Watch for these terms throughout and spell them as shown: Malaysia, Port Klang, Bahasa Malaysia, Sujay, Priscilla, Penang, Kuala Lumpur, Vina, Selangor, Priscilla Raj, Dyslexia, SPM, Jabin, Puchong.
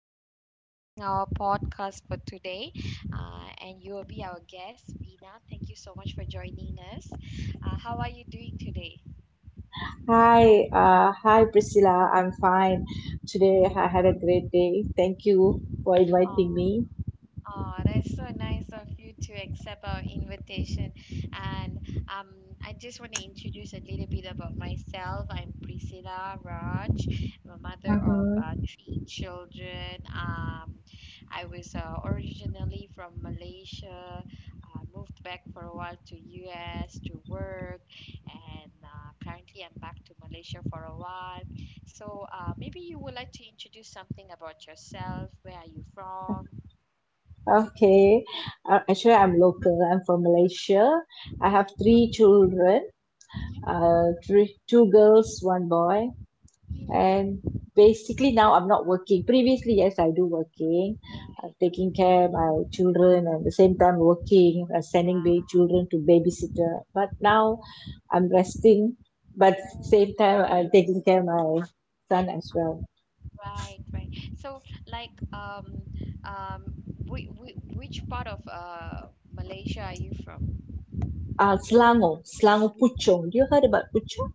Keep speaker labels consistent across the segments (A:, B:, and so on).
A: so much for joining our podcast for today. And you will be our guest, Vina. Thank you so much for joining us. How are you doing today?
B: Hi, hi Priscilla. I'm fine. Today I had a great day. Thank you for inviting
A: Oh,
B: me.
A: Oh, that's so nice of you to accept our invitation. And um, I just want to introduce a little bit about myself. I'm Priscilla Raj. I'm a mother of
B: Mm-hmm.
A: three children. I was originally from Malaysia. I moved back for a while to US to work, and currently I'm back to Malaysia for a while. So maybe you would like to introduce something about yourself. Where are you from?
B: Okay. Actually, I'm local. I'm from Malaysia. I have three children.
A: Mm,
B: Three, two girls, one boy.
A: right. Mhm.
B: And basically now I'm not working. Previously, yes, I do working. I'm taking care my children and the same time working, sending the children to babysitter. But now I'm resting, but
A: Mm,
B: same time I'm taking care my son as well.
A: right, right. So, like, um, whi- whi- which part of Malaysia are you from?
B: Selangor, Selangor Puchong. Do you heard about Puchong?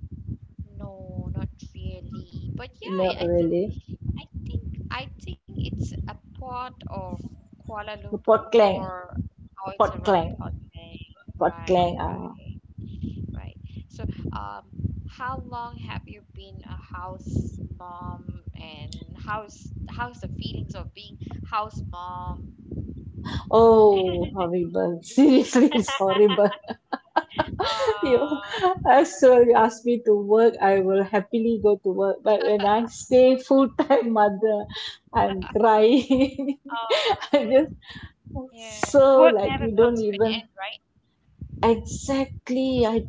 A: No, not really. But yeah, I
B: No,
A: I think,
B: really.
A: I think, it's a part of Kuala Lumpur,
B: Port Klang,
A: or it's
B: Port
A: around
B: Klang,
A: Penang.
B: Port
A: Right,
B: Klang. Uh,
A: right. Right. So, um, how long have you been a house mom, and how's the feelings of being house mom?
B: oh, horrible. Seriously, it's horrible. you know,
A: Oh,
B: as soon as you ask me to work, I will happily go to work. But when I say full time mother, I'm crying.
A: oh,
B: I just
A: yeah.
B: so
A: Work
B: like
A: never
B: you don't
A: comes to an
B: even
A: end, right?
B: Exactly. I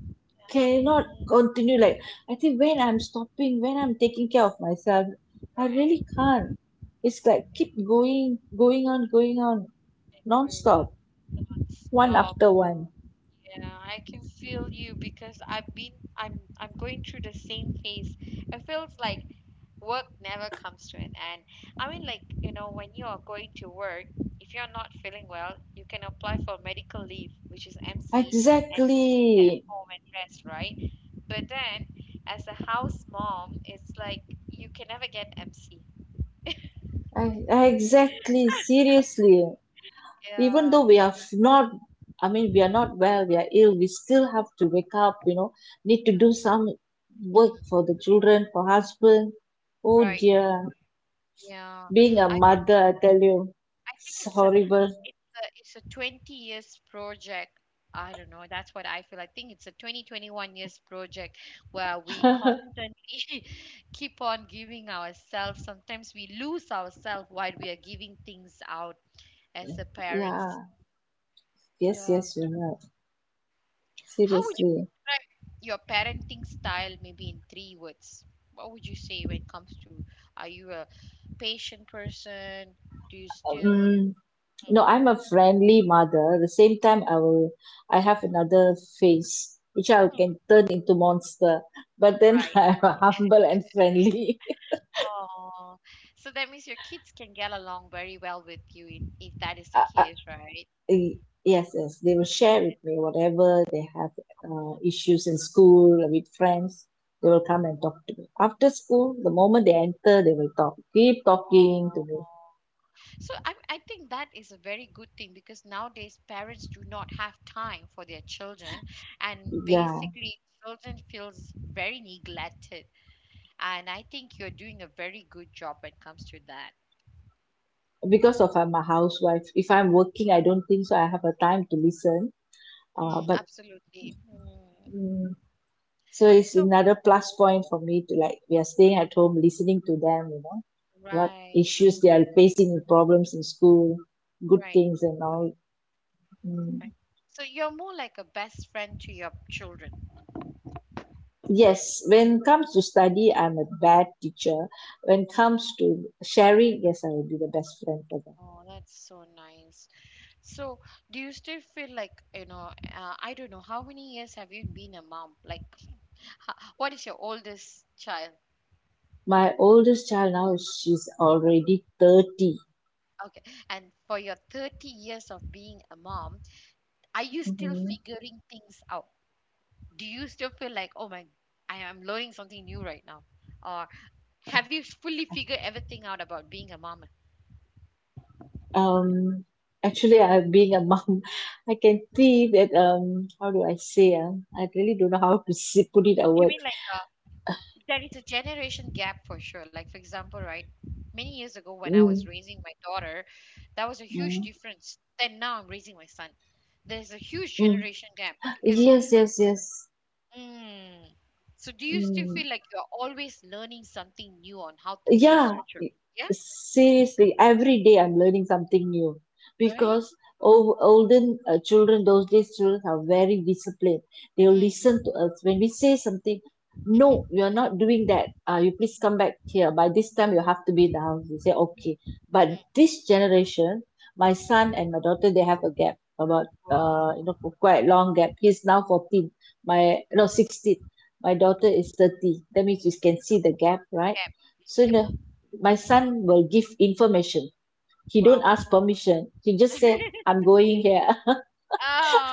B: cannot
A: Right,
B: continue. Like I think when I'm stopping, when I'm taking care of myself, I
A: right,
B: really can't. It's like keep going, going on, going on,
A: right. Going on
B: non-stop, one
A: non-stop.
B: after one.
A: Yeah, I can feel you because I've been I'm going through the same phase. It feels like work never comes to an end. I mean, like, when you are going to work, if you're not feeling well, you can apply for medical leave, which is MC, and stay at
B: Exactly.
A: home and rest, right? But then as a house mom, it's like you can never get MC.
B: And Exactly, seriously, even
A: Yeah.
B: though not, I mean, we are not well, we are ill, we still have to wake up, you know, need to do
A: Mm,
B: some work
A: mm,
B: for the children, for husband. Oh
A: right.
B: dear,
A: Yeah.
B: being a
A: I can
B: mother, I tell you,
A: I think
B: it's
A: it's
B: horrible.
A: it's a 20 years project. I don't know. That's what I feel. I think it's a 20-21 years project where we constantly keep on giving ourselves. Sometimes we lose ourselves while we are giving things out as a parents.
B: Yeah, yes,
A: Yeah.
B: yes, you're right.
A: How would you
B: Seriously.
A: describe your parenting style maybe in three words? What would you say when it comes to, are you a patient person? Do you still?
B: Um,
A: Mm,
B: No, I'm a friendly mother. At the same time, I have
A: mhm,
B: another face which I
A: mm,
B: can turn into monster. But then
A: right?
B: I'm humble and friendly.
A: Oh, so that means your kids can get along very well with you, if that is the
B: I, I,
A: case, right?
B: I- yes, yes, they will share with me whatever they have
A: Oh,
B: issues in school with friends. They will come and talk to me after school. The moment they enter, they will talk, keep
A: oh.
B: talking to me.
A: So I think that is a very good thing because nowadays parents do not have time for their children, and
B: Yeah,
A: basically children feels very neglected. And I think you're doing a very good job when it comes to that.
B: because of I'm a housewife. If I'm working, I don't think so. I have a time to listen. Uh,
A: Mm,
B: but
A: absolutely. Mm.
B: mm, so it's
A: So
B: another plus point for me to, like, we are staying at home listening to them, you know, what
A: right,
B: issues they are facing, with problems in school, good
A: right,
B: things and all. Mm.
A: right. So you're more like a best friend to your children.
B: Yes, when it comes to study, I'm a bad teacher. When it comes to sharing, yes, I will be the best friend for them.
A: Oh, that's so nice. So, do you still feel like, I don't know, how many years have you been a mom? Like, what is your oldest child?
B: My oldest child, now she's already 30.
A: Okay. And for your 30 years of being a mom, are you still
B: Mhm.
A: figuring things out? Do you still feel like, oh my, I am learning something new right now? Or have you fully figured everything out about being a mom?
B: um Actually, I being a mom, I can see that, how do I say, I really don't know how to say, put it a
A: You
B: word.
A: mean, like, there is a generation gap for sure. Like, for example, right, many years ago when I was
B: Mm,
A: raising my daughter, that was a huge
B: mm,
A: difference. Then now I'm raising my son. There's a huge
B: mm.
A: generation gap because,
B: Yes, yes, yes.
A: mm, so do you still
B: Mm.
A: feel like you're always learning something new on how to raise
B: Yeah,
A: your children? Yeah,
B: seriously, every day I'm learning something new,
A: right?
B: because
A: Mm,
B: olden, children, those days children are very disciplined. They'll
A: mm,
B: listen to us when we say something. No,
A: mhm,
B: you're not doing that. You please come back here by this time, you have to be in the house, they say okay. But
A: mm,
B: this generation, my
A: mhm.
B: son and my daughter, they have a gap about,
A: Wow.
B: you know, for quite long gap. He's now 14. My no 16. My daughter is 30. That means you
A: Mm,
B: can see the gap, right?
A: gap.
B: so
A: Yep.
B: no, My son will give information, he don't
A: Wow.
B: ask permission, he just say I'm going here.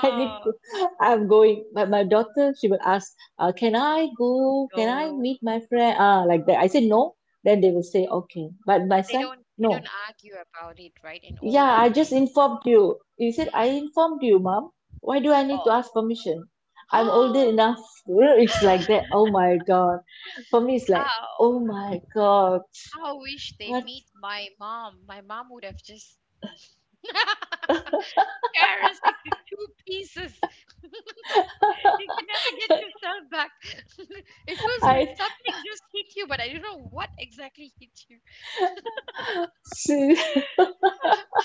B: I need to I'm going. But my daughter, she will ask, can I
A: oh,
B: go, can I
A: no.
B: meet my friend, ah, like that. I say no, then they will
A: Mm.
B: say okay. But my
A: They
B: son,
A: don't they
B: no,
A: don't argue about it, right? In
B: yeah, I
A: olden
B: just
A: days,
B: informed you. He said, I informed you, Mom. Why do I need to
A: people.
B: ask permission? I'm older
A: Oh,
B: enough. You know, it's like that. Oh my god. For me it's like,
A: wow.
B: oh my god.
A: How wish they
B: What?
A: meet my mom. My mom would have just tear us into two pieces. You can never get yourself back. It feels
B: I
A: like something just hit you, but I don't know what exactly hit you.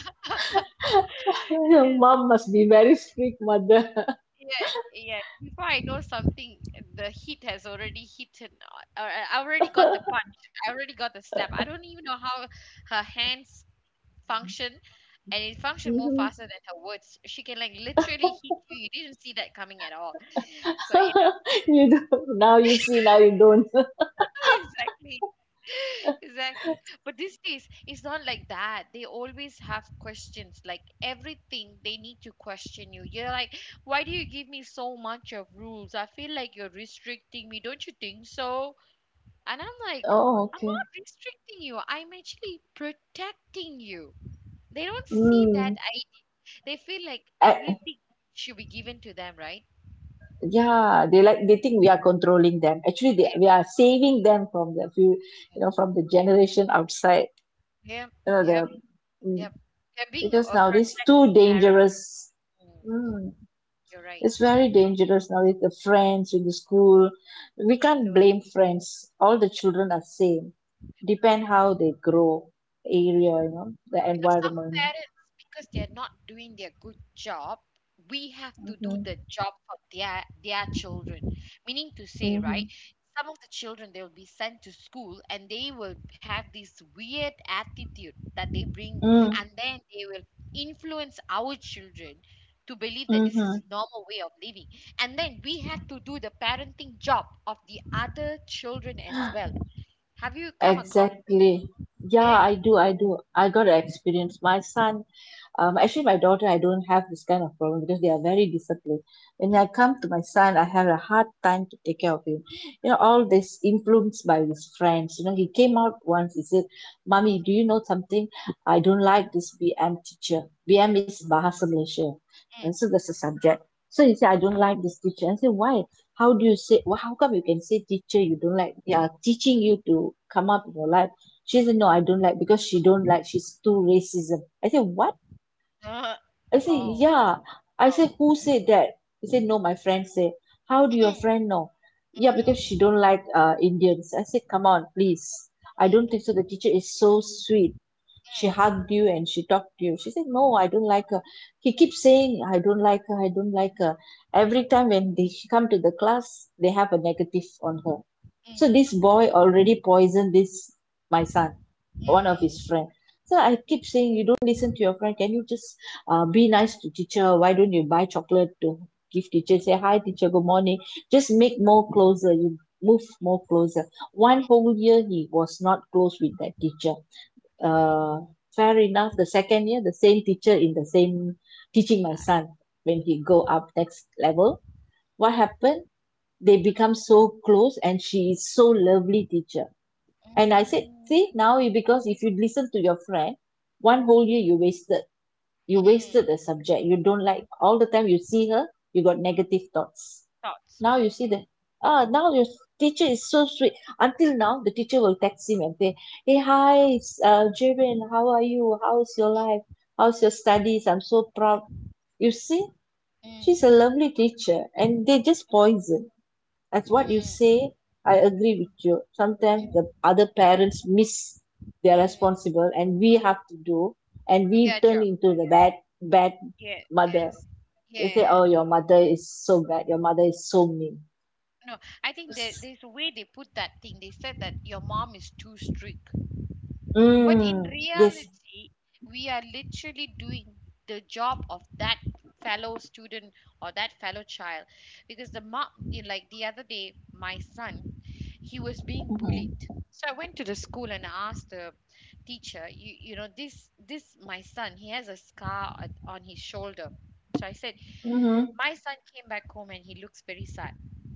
B: Your
A: Yes,
B: Mom must be very strict mother.
A: yeah, yeah. Before I know something, the hit has already hit, and I already got the punch. I already got the slap. I don't even know how her hands function, and it functioned more
B: Mhm.
A: faster than her words. She can like literally hit you. You didn't see that coming at all. So yeah,
B: You do, now you see, now you don't.
A: exactly. Exactly. But these days, it's not like that. They always have questions. Like everything, they need to question you. You're like, why do you give me so much of rules? I feel like you're restricting me. Don't you think so? And I'm like,
B: Oh,
A: I'm
B: okay.
A: not restricting you. I'm actually protecting you. They don't see that.
B: Mm.
A: I. They feel like
B: I,
A: everything should be given to them, right?
B: yeah, they like, they think we are controlling them. Actually,
A: Them.
B: we are saving them from the few, you know, from the generation outside.
A: Yep,
B: You know
A: yep,
B: the mm,
A: yep. They're being
B: because
A: a
B: now it's too
A: protective parent.
B: dangerous.
A: Mm, mm.
B: Mm.
A: You're right.
B: It's very dangerous now with the friends in the school. We
A: The
B: can't
A: influence.
B: blame friends. All the children are same. Depend how they grow, area,
A: Yep.
B: you
A: Now,
B: know, the
A: some
B: environment.
A: parents, because they're not doing their good job, we have to do
B: Mm-hmm.
A: the job for their children. Meaning to say,
B: Mm-hmm.
A: right? Some of the children, they will be sent to school and they will have this weird attitude that they bring,
B: Mm-hmm.
A: and then they will influence our children to believe that this is
B: Mm-hmm.
A: a normal way of living. And then we have to do the parenting job of the other children as well. Have you come across?
B: Exactly. Yeah,
A: Yeah.
B: I do. I do. I got to experience. Actually, my daughter, I don't have this kind of problem because they are very disciplined. When I
A: Mm,
B: come to my son, I have a hard time to take care of him. You know, all this influenced by his friends. You know, he came out once. He said, "Mommy, do you know something? I don't like this BM teacher. BM is Bahasa Malaysia, and
A: mm.
B: so that's the subject." So he said, "I don't like this teacher." I said, "Why? How come you can say teacher you don't like? They are teaching you to come up with your life." She said, "No, I don't like, because she don't like, she's too racism." I said, "What?" I said,
A: Oh.
B: "Yeah." I
A: Wow.
B: said, "Who said that?" He said, "No, my friend said." "How do your
A: Mm,
B: friend know?" "Yeah,
A: mm,
B: because she
A: mm,
B: don't like Indians." I said, "Come on, please, I don't
A: mm,
B: think so. The teacher is so sweet, she
A: mm,
B: hugged you and she talked to you." she said, "No, I don't like her." He keeps saying, "I don't like her, I don't like her."
A: mm,
B: Every
A: mm,
B: time when they she come to the class, they have a negative on her. So
A: mm,
B: this boy
A: mm,
B: already poisoned this my son,
A: mm,
B: one of his
A: mm,
B: friend. So I
A: mm,
B: keep saying, you don't listen to your friend. Can you just be nice to teacher? Why don't you buy chocolate to give teacher, say hi teacher, good morning, just make more closer, you move more closer. One whole year he was not close with that teacher. uh,
A: mm.
B: Fair enough, the second year, the same teacher in the same teaching my
A: Black.
B: son, when he go up next level, what happened? They become so close, and she is so lovely teacher. And I said,
A: Mm,
B: see now you,
A: mm,
B: because if you listen to your friend, one whole year you wasted. You wasted
A: mm.
B: the subject, you don't like, all the time you see her, you got negative thoughts.
A: Thoughts.
B: Now you see the, ah, now your teacher is so sweet. Until now, the teacher will text him and say, "Hey, hi, Jabin, how are you? How's your life? How's your studies? I'm so proud." You see, she's a
A: Mm,
B: lovely teacher, and they
A: mm,
B: just poison. That's what you
A: mm,
B: say. I
A: mm,
B: agree with you. Sometimes
A: mm,
B: the other parents miss their
A: mm.
B: responsible, and we have to do, and we
A: Yeah,
B: turn
A: job.
B: into the bad, bad
A: Yeah,
B: mother.
A: yes.
B: They say,
A: Yeah.
B: "Oh, your mother is so bad. Your mother is so mean."
A: No, I think that there's a way they put that thing. They said that your mom is too strict. But in
B: Mm, yes.
A: reality, we are literally doing the job of that fellow student or that fellow child because the mom, like the other day, my son, he was being
B: Mm-hmm.
A: bullied. So I went to the school and asked the teacher, this my son, he has a scar on his shoulder. So I said,
B: Mm-hmm.
A: my son came back home and he looks very sad.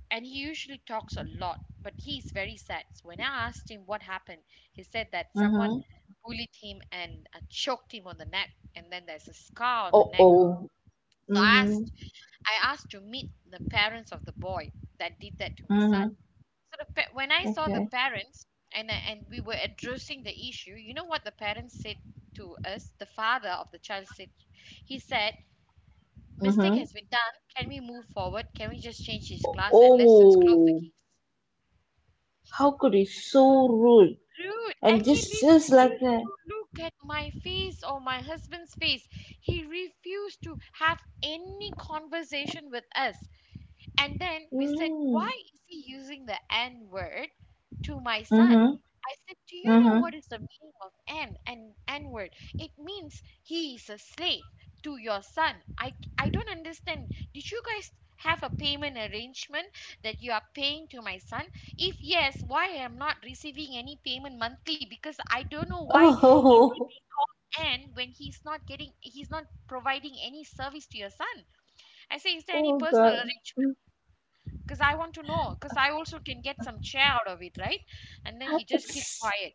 A: And he usually talks a lot, but he's very sad. So when I asked him what happened, he said that someone
B: Mm-hmm.
A: bullied him and choked him on the neck, and then there's a scar on the
B: Oh,
A: neck.
B: oh.
A: So
B: Mm-hmm.
A: I asked to meet the parents of the boy that did that to my son.
B: Mm-hmm.
A: So when I saw the
B: Okay.
A: parents, and we were addressing the issue, you know what the parents said to us? The father of the child said, he said, mistake
B: Mm-hmm.
A: has been done. Can we move forward? Can we just change his class and let's just close the
B: Oh,
A: case?
B: how could he so rude?
A: Rude. And
B: And
A: he
B: just like
A: refused
B: that.
A: to look at my face or my husband's face. He refused to have any conversation with us. And then we said,
B: Mm.
A: why is he using the N word to my son?
B: Mm-hmm.
A: I said, do you know
B: Mm-hmm.
A: what is the meaning of N and N word? It means he is a slave to your son. I don't understand. Did you guys have a payment arrangement that you are paying to my son? If yes, why I am not receiving any payment monthly? Because I don't know why is he
B: Oh,
A: being called N when he's not providing any service to your son. I say, is there any
B: oh
A: personal
B: God.
A: arrangement? Because I want to know, because I also can get some chair out of it, right? And then he just keep
B: It's-
A: quiet.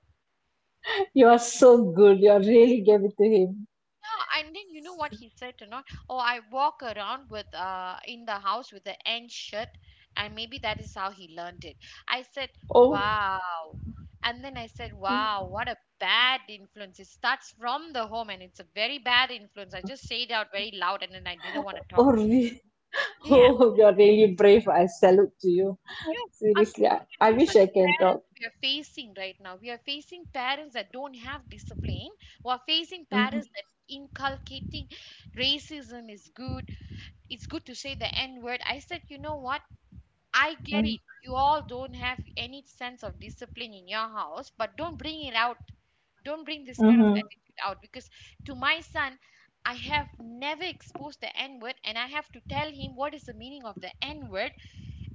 B: You are so good. You are really gave it to him.
A: Yeah, and then you know what he said to not? Oh, I walk around with in the house with the N shirt, and maybe that is how he learned it. I said,
B: Oh,
A: wow. And then I said, wow, what a bad influence. It starts from the home and it's a very bad influence. I just said it out very loud and then I didn't want to talk.
B: oh, really?
A: Yeah.
B: Oh, you are really brave. I salute to you.
A: You I'm
B: Seriously,
A: telling you,
B: I
A: these
B: wish
A: are
B: I
A: the
B: can talk.
A: parents we are facing right now. We are facing parents that don't have discipline. We are facing parents
B: Mm-hmm.
A: that inculcating racism is good. It's good to say the N word. I said, you know what? I get it.
B: Mm-hmm.
A: You all don't have any sense of discipline in your house, but don't bring it out. Don't bring this kind of
B: Mm-hmm.
A: attitude out because to my son, I have never exposed the N word, and I have to tell him what is the meaning of the N word,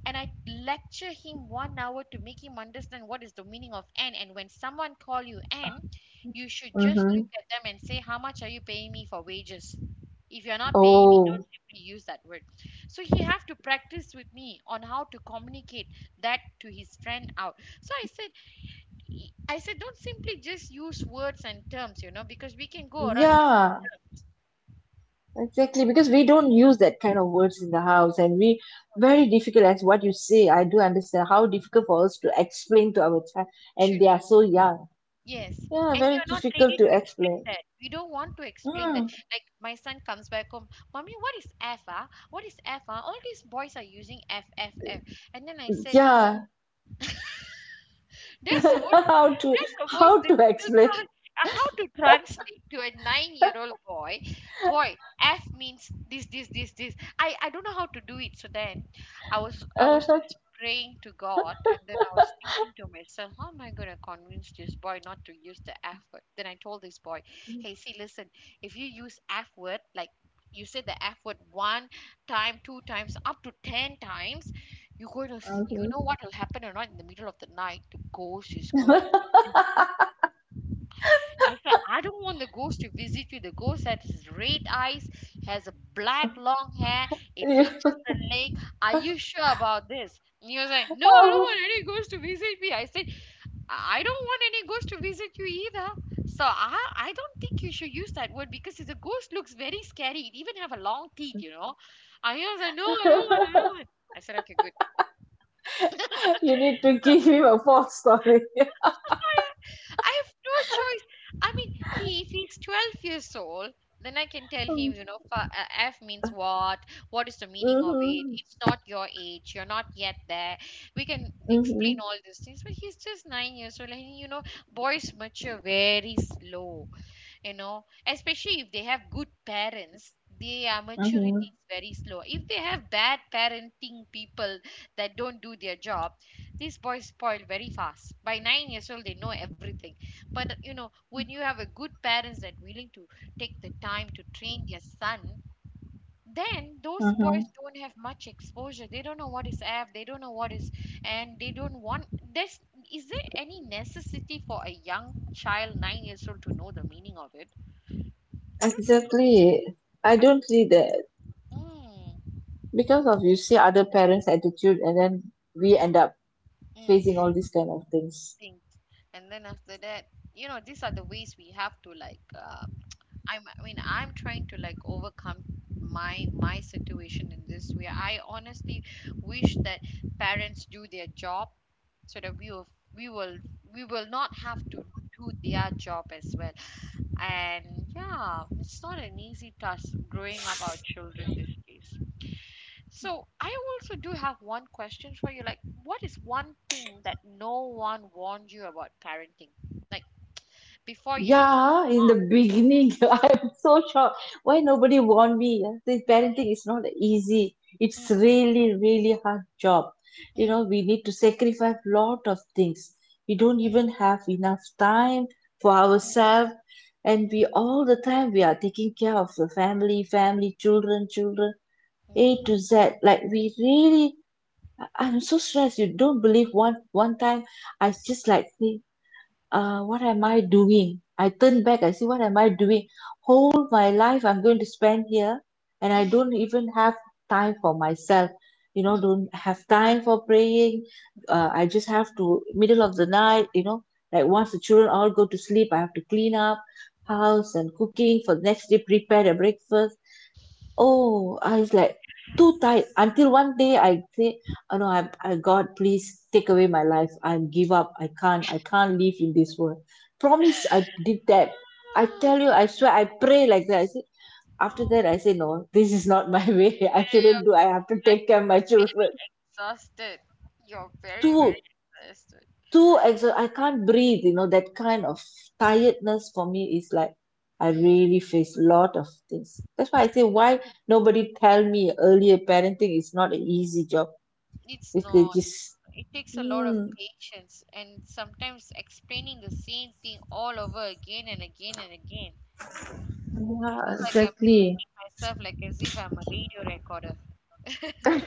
A: and I lecture him 1 hour to make him understand what is the meaning of "n." And when someone call you "n," you should just look
B: Mm-hmm.
A: at them and say, how much are you paying me for wages? If you're not paying me, don't
B: Oh,
A: simply use that word. So he have to practice with me on how to communicate that to his friend out. So I said, don't simply just use words and terms, because we can go around using
B: yeah, exactly. Because we don't use that kind of words in the house, and we very difficult as what you say. I do understand how difficult for us to explain to our child, and they
A: terms.
B: are so young.
A: Yes,
B: Yeah,
A: and
B: very
A: you're not ready to
B: difficult to
A: explain
B: explain.
A: that. We don't want to explain that.
B: Mm,
A: Like my son comes back home, Mommy, what is F? Ah? What is F? Ah? All these boys are using F, F, F. And then I said,
B: yeah,
A: ah, That's the most
B: how to
A: that's the most
B: how to
A: difficult
B: explain?
A: part. How to translate to a 9-year-old boy? Boy, F means this, this, this, this. I don't know how to do it. So then, I was
B: Uh-huh.
A: just praying to God, and then I was thinking to myself, how am I gonna convince this boy not to use the F word? Then I told this boy, hey, see, listen, if you use F word like you say the F word one time, two times, up to 10 times, you're going to, you
B: Hmm.
A: know what will happen or not in the middle of the night? The ghost is going to visit you. I said, I don't want the ghost to visit you. The ghost has red eyes, has a black long hair. It
B: You,
A: reaches the lake. Are you sure about this? And he was like, No, I don't
B: oh,
A: want any ghost to visit me. I said, I don't want any ghost to visit you either. So I don't think you should use that word because the ghost looks very scary. It even have a long teeth, you know. And he was like, No, I don't want, I don't want. I said, Okay, good.
B: you need to give him a false story.
A: I have no choice. I mean, he if he's 12 years old, then I can tell
B: Mm-hmm.
A: him, you know, F means what? What is the meaning of it?
B: Mm-hmm.
A: It's not your age. You're not yet there. We can explain all these things, but he's just 9 years old, and you know, boys mature very slow, you know, especially if they have good parents. Their maturity
B: Mm-hmm.
A: is very slow if they have bad parenting people that don't do their job. These boys spoil very fast. By 9 years old they know everything. But you know, when you have a good parents that willing to take the time to train their son, then those boys
B: Mm-hmm.
A: don't have much exposure. They don't know what is app, they don't know what is and they don't want. There's Is there any necessity for a young child 9 years old to know the meaning of it I
B: Exactly. I
A: I Don't
B: don't see that,
A: mm,
B: because of you see other parents' attitude, and then we
A: mm,
B: end up facing
A: mm,
B: all these kind of things.
A: things. And then after that, you know, these are the ways we have to like I mean I'm trying to like overcome my situation in this way. I honestly wish that parents do their job so that we will we will not have to do their job as well. And yeah, it's not an easy task growing up our children these days. So I also do have one question for you. Like, what is one thing that no one warned you about parenting? Like before you became.
B: Yeah, in the beginning, I'm so shocked. Why nobody warned me? Yeah? This parenting is not easy. It's
A: Mm,
B: really, really hard job. You know,
A: mm,
B: we need to sacrifice lot of things. We
A: mm,
B: don't even have enough time for
A: mm,
B: ourselves, and
A: mm,
B: we all the time we are taking care of the family, family, children, children, A
A: mm,
B: to Z. Like we really, I'm so stressed. You don't believe, one time I just like think,
A: mm,
B: what am I doing? I
A: mm,
B: turn back. I see, what am I doing? Whole my life I'm going to spend here, and
A: mm,
B: I
A: mm,
B: don't even have time for myself. You know,
A: mm,
B: don't have time for praying.
A: mm,
B: I just have to middle of the night. You know, like once the children all go to sleep, I have to clean up
A: mm.
B: house and cooking for the next day, prepare the breakfast. Oh, I was like too
A: Yeah.
B: tired until one day I said, oh no, I god, please take away my life. I give up. I can't live in this world. Promise, I did that. I tell you,
A: Ah,
B: I swear, I pray like that. I said after
A: Oh,
B: that, I say no, this is not my way. I shouldn't do. I have to take care of my
A: you're very
B: children
A: exhausted. You're very, very
B: too.
A: exhausted.
B: Too exha I can't breathe, you know, that kind of tiredness for me is like I
A: Mm,
B: really face a lot of things. That's why I say why nobody tell me earlier parenting is not an easy job.
A: it's
B: If they
A: not.
B: just
A: It takes a lot of
B: mm,
A: patience and sometimes explaining the same thing all over again and again and again. I
B: yeah,
A: feel like I'm
B: exactly.
A: repeating myself like as if I'm a radio recorder.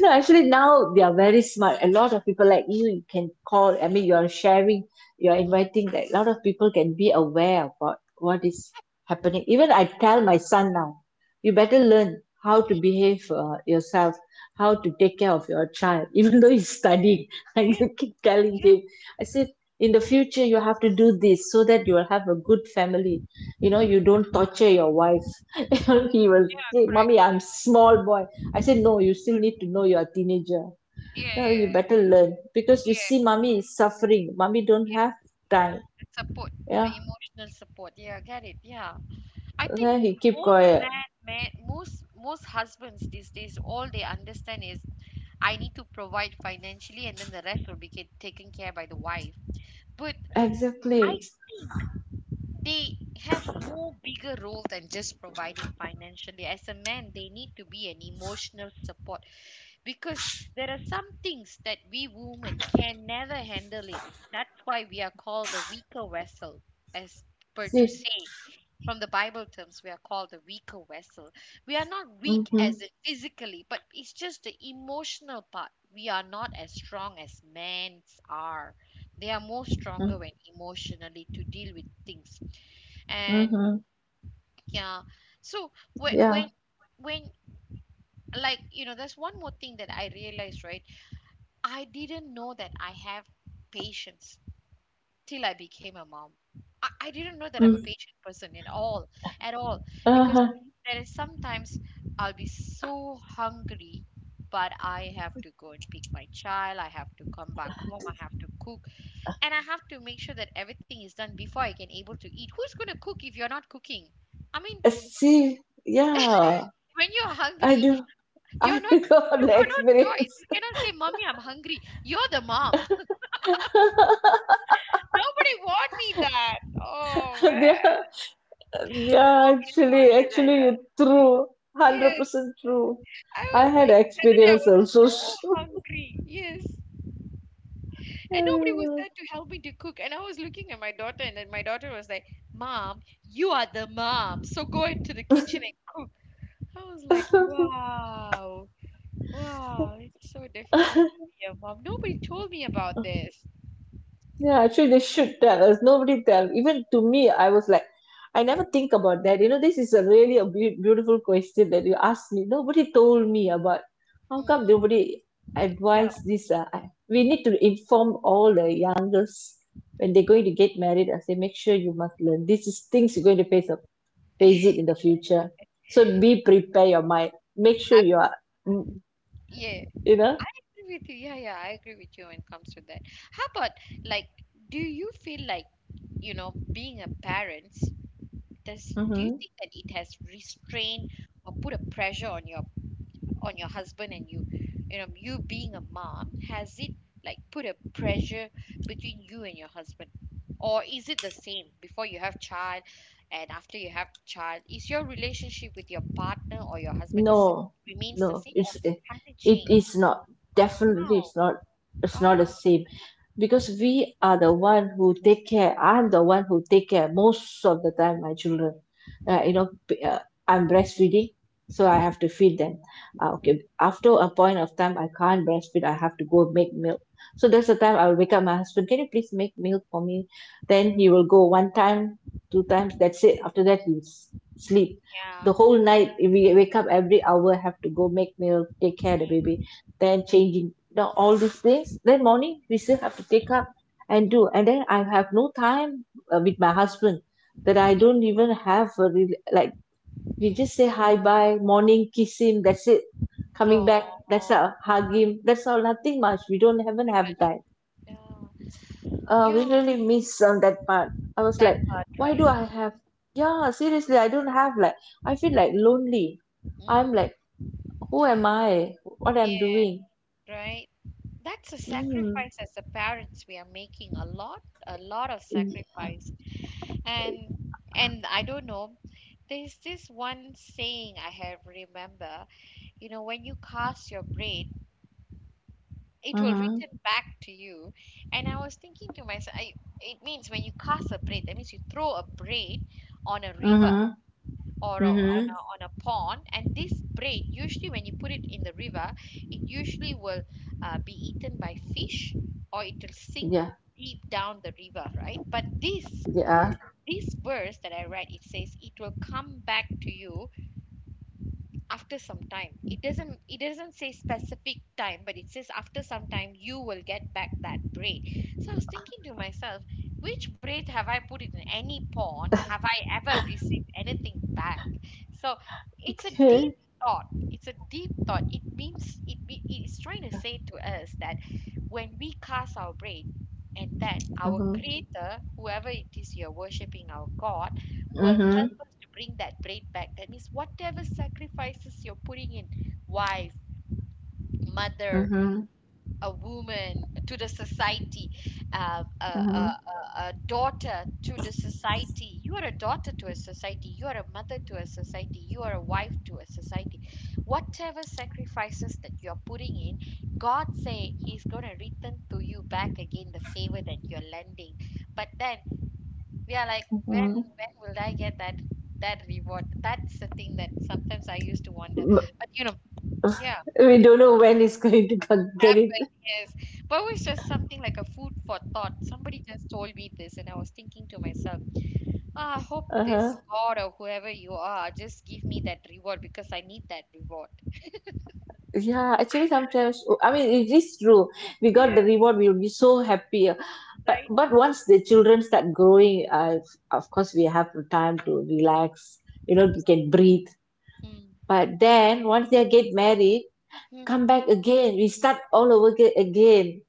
B: No, actually now they are very smart. A lot of people like you can call. I mean, you are sharing, you are inviting that a lot of people can be aware about what is
A: Mm,
B: happening. Even I tell my son now, you better learn how
A: mm,
B: to
A: mm,
B: behave yourself, how
A: mm.
B: to take care of your child, even though he's studying. I
A: Yeah,
B: keep telling
A: yeah.
B: him, I said, in the future, you have to do this so that you will have a good family. You know,
A: Mm,
B: you don't torture your wife.
A: mm, mm.
B: He was
A: Yeah,
B: say,
A: correct.
B: mommy, I'm small boy. I said, no, you still need to know, you're a teenager.
A: Yeah,
B: No, you
A: yeah,
B: better learn,
A: yeah,
B: because you see
A: yeah.
B: mommy is suffering, mommy don't have time.
A: The support,
B: Yeah,
A: the emotional support. Yeah, I get it. Yeah. I think
B: then he keep
A: most
B: quiet.
A: man, man, most most husbands these days, all they understand is I need to provide financially, and then the rest will be taken care by the wife. But I
B: Exactly,
A: think they have more bigger role than just providing financially. As a man, they need to be an emotional support because there are some things that we women can never handle it. That's why we are called the weaker vessel, as per to
B: see.
A: say. From the Bible terms, we are called the weaker vessel. We are not weak
B: Mm-hmm.
A: as in physically, but it's just the emotional part. We are not as strong as men's are. They are more stronger when emotionally to deal with things. And
B: Mm-hmm.
A: yeah, so when
B: Yeah.
A: when when like you know, there's one more thing that I realized, right? I didn't know that I have patience till I became a mom. I didn't know that I'm a
B: Mm.
A: patient person at all, because
B: Uh-huh.
A: there is sometimes I'll be so hungry, but I have to go and pick my child. I have to come back home. I have to cook, and I have to make sure that everything is done before I can able to eat. Who's gonna cook if you're not cooking? I mean,
B: See, yeah,
A: when you're
B: I
A: hungry,
B: do. I
A: you're not.
B: got
A: You
B: the
A: got no choice. You
B: experience.
A: cannot say, "Mommy, I'm hungry." You're the mom. Nobody warned me that. Oh man.
B: Yeah. Yeah,
A: Nobody warned
B: actually,
A: me that.
B: you're true.
A: Yes,
B: 100% true.
A: I
B: I
A: was
B: had
A: like, the other day I
B: experience
A: was
B: also.
A: so hungry. Yes, and nobody was there to help me to cook. And I was looking at my daughter, and then my daughter was like, Mom, you are the mom, so go into the kitchen and cook. I was like, wow, wow, it's so difficult to be a mom. Nobody told me about this.
B: Yeah, actually, they should tell us. Nobody tell. Even to me, I was like, I
A: Mm,
B: never think about that. You know, this is a really a beautiful question that you asked me. Nobody told me about. How come
A: mm,
B: nobody
A: yeah.
B: advised this? We need to inform all the youngers when
A: Mm.
B: they're going to get married. I say, make sure you must learn. This is things you're going to face. Face it in the future, so be prepare your mind, make sure you
A: I-
B: are mm,
A: yeah, I
B: you know,
A: agree with you. Yeah, yeah, I agree with you when it comes to that. How about, like, do you feel like you know being a parent does do you
B: mmhmm.
A: think that it has restrained or put a pressure on your husband and you know you being a mom has it like put a pressure between you and your husband or is it the same before you have child and after you have child is your relationship with your partner or your husband is
B: No,
A: remains the
B: no,
A: same or
B: it's it,
A: has it
B: it
A: changed?
B: is not. Definitely,
A: Wow,
B: it's not. It's not the
A: wow.
B: same because we are the one who take care. I'm the one who take care most of the time my children. Uh, you
A: mm,
B: know, p- uh, I'm breastfeeding, so I
A: mhm,
B: have to feed them.
A: mhm,
B: Okay, after a point of time, I can't breastfeed. I have to go make milk. So that's
A: mm,
B: the time I will wake up my husband. Can you please make milk for me? Then he will go one time, two times. That's it. After that, sleep
A: yeah.
B: the whole night. We wake up every hour, have to go make meal, take care of the baby,
A: mm,
B: then changing, now all these things. Then morning we still have to take up and do,
A: mm,
B: and then I have no time with my husband. That I
A: no.
B: don't even have a real like, we
A: mm.
B: just say hi bye, morning kiss him, that's it. Coming back, that's
A: Oh,
B: a hug him, that's all. Nothing much, we don't even have
A: pretty much.
B: time.
A: Yeah,
B: Uh,
A: yeah.
B: we really miss on that part. I was
A: That
B: like,
A: part,
B: why
A: right?
B: do I have? Yeah, seriously, I don't have like. I feel like lonely. I'm
A: Mm.
B: like, who am I? What I'm
A: Yeah,
B: doing?
A: right. That's a
B: Mm.
A: sacrifice as a parents we are making a lot of
B: Y-
A: sacrifice. And I don't know, there's this one saying I have remember, you know, when you cast your braid, it will
B: Mm-hmm.
A: return back to you. And I was thinking to myself, I, it means when you cast a braid, that means you throw a braid on a river
B: Mm-hmm.
A: on
B: Mm-hmm.
A: a pond, and this brain usually when you put it in the river it usually will be eaten by fish or it will sink
B: Yeah.
A: deep down the river, right? But this
B: Yeah.
A: this verse that I read, it says it will come back to you after some time. It doesn't say specific time, but it says after some time you will get back that braid. So I was thinking to myself, which braid have I put in any pawn? Have I ever received anything back? So it's a
B: Okay.
A: deep thought, it's a deep thought. It means it's trying to say to us that when we cast our braid, and then our
B: Mm-hmm.
A: creator, whoever it is you're worshiping, our God will help
B: Mm-hmm.
A: us to bring that braid back. That means whatever sacrifices you're putting in, wife, mother,
B: Mm-hmm.
A: a woman to the society,
B: Mm-hmm.
A: a daughter to the society. You are a daughter to a society. You are a mother to a society. You are a wife to a society. Whatever sacrifices that you're putting in, God say He's going to return to you back again the favor that you're lending. But then yeah, like
B: Mm-hmm.
A: when will I get that that reward? That's the thing that sometimes I used to wonder. But you know, yeah,
B: We don't know when it's going to get it.
A: happen, yes. But it was just something like a food for thought. Somebody just told me this, and I was thinking to myself, I hope
B: Uh
A: this
B: huh.
A: God or whoever you are just give me that reward because I need that reward.
B: Yeah, actually, sometimes oh, I mean it is true. We got
A: Yeah,
B: the reward, we will be so happy. But
A: right.
B: but once the children start growing, of course we have the time to relax. You know, we
A: Abs-.
B: can breathe.
A: Mm.
B: But then once they get married,
A: Hmm.
B: come back again. We start all over again.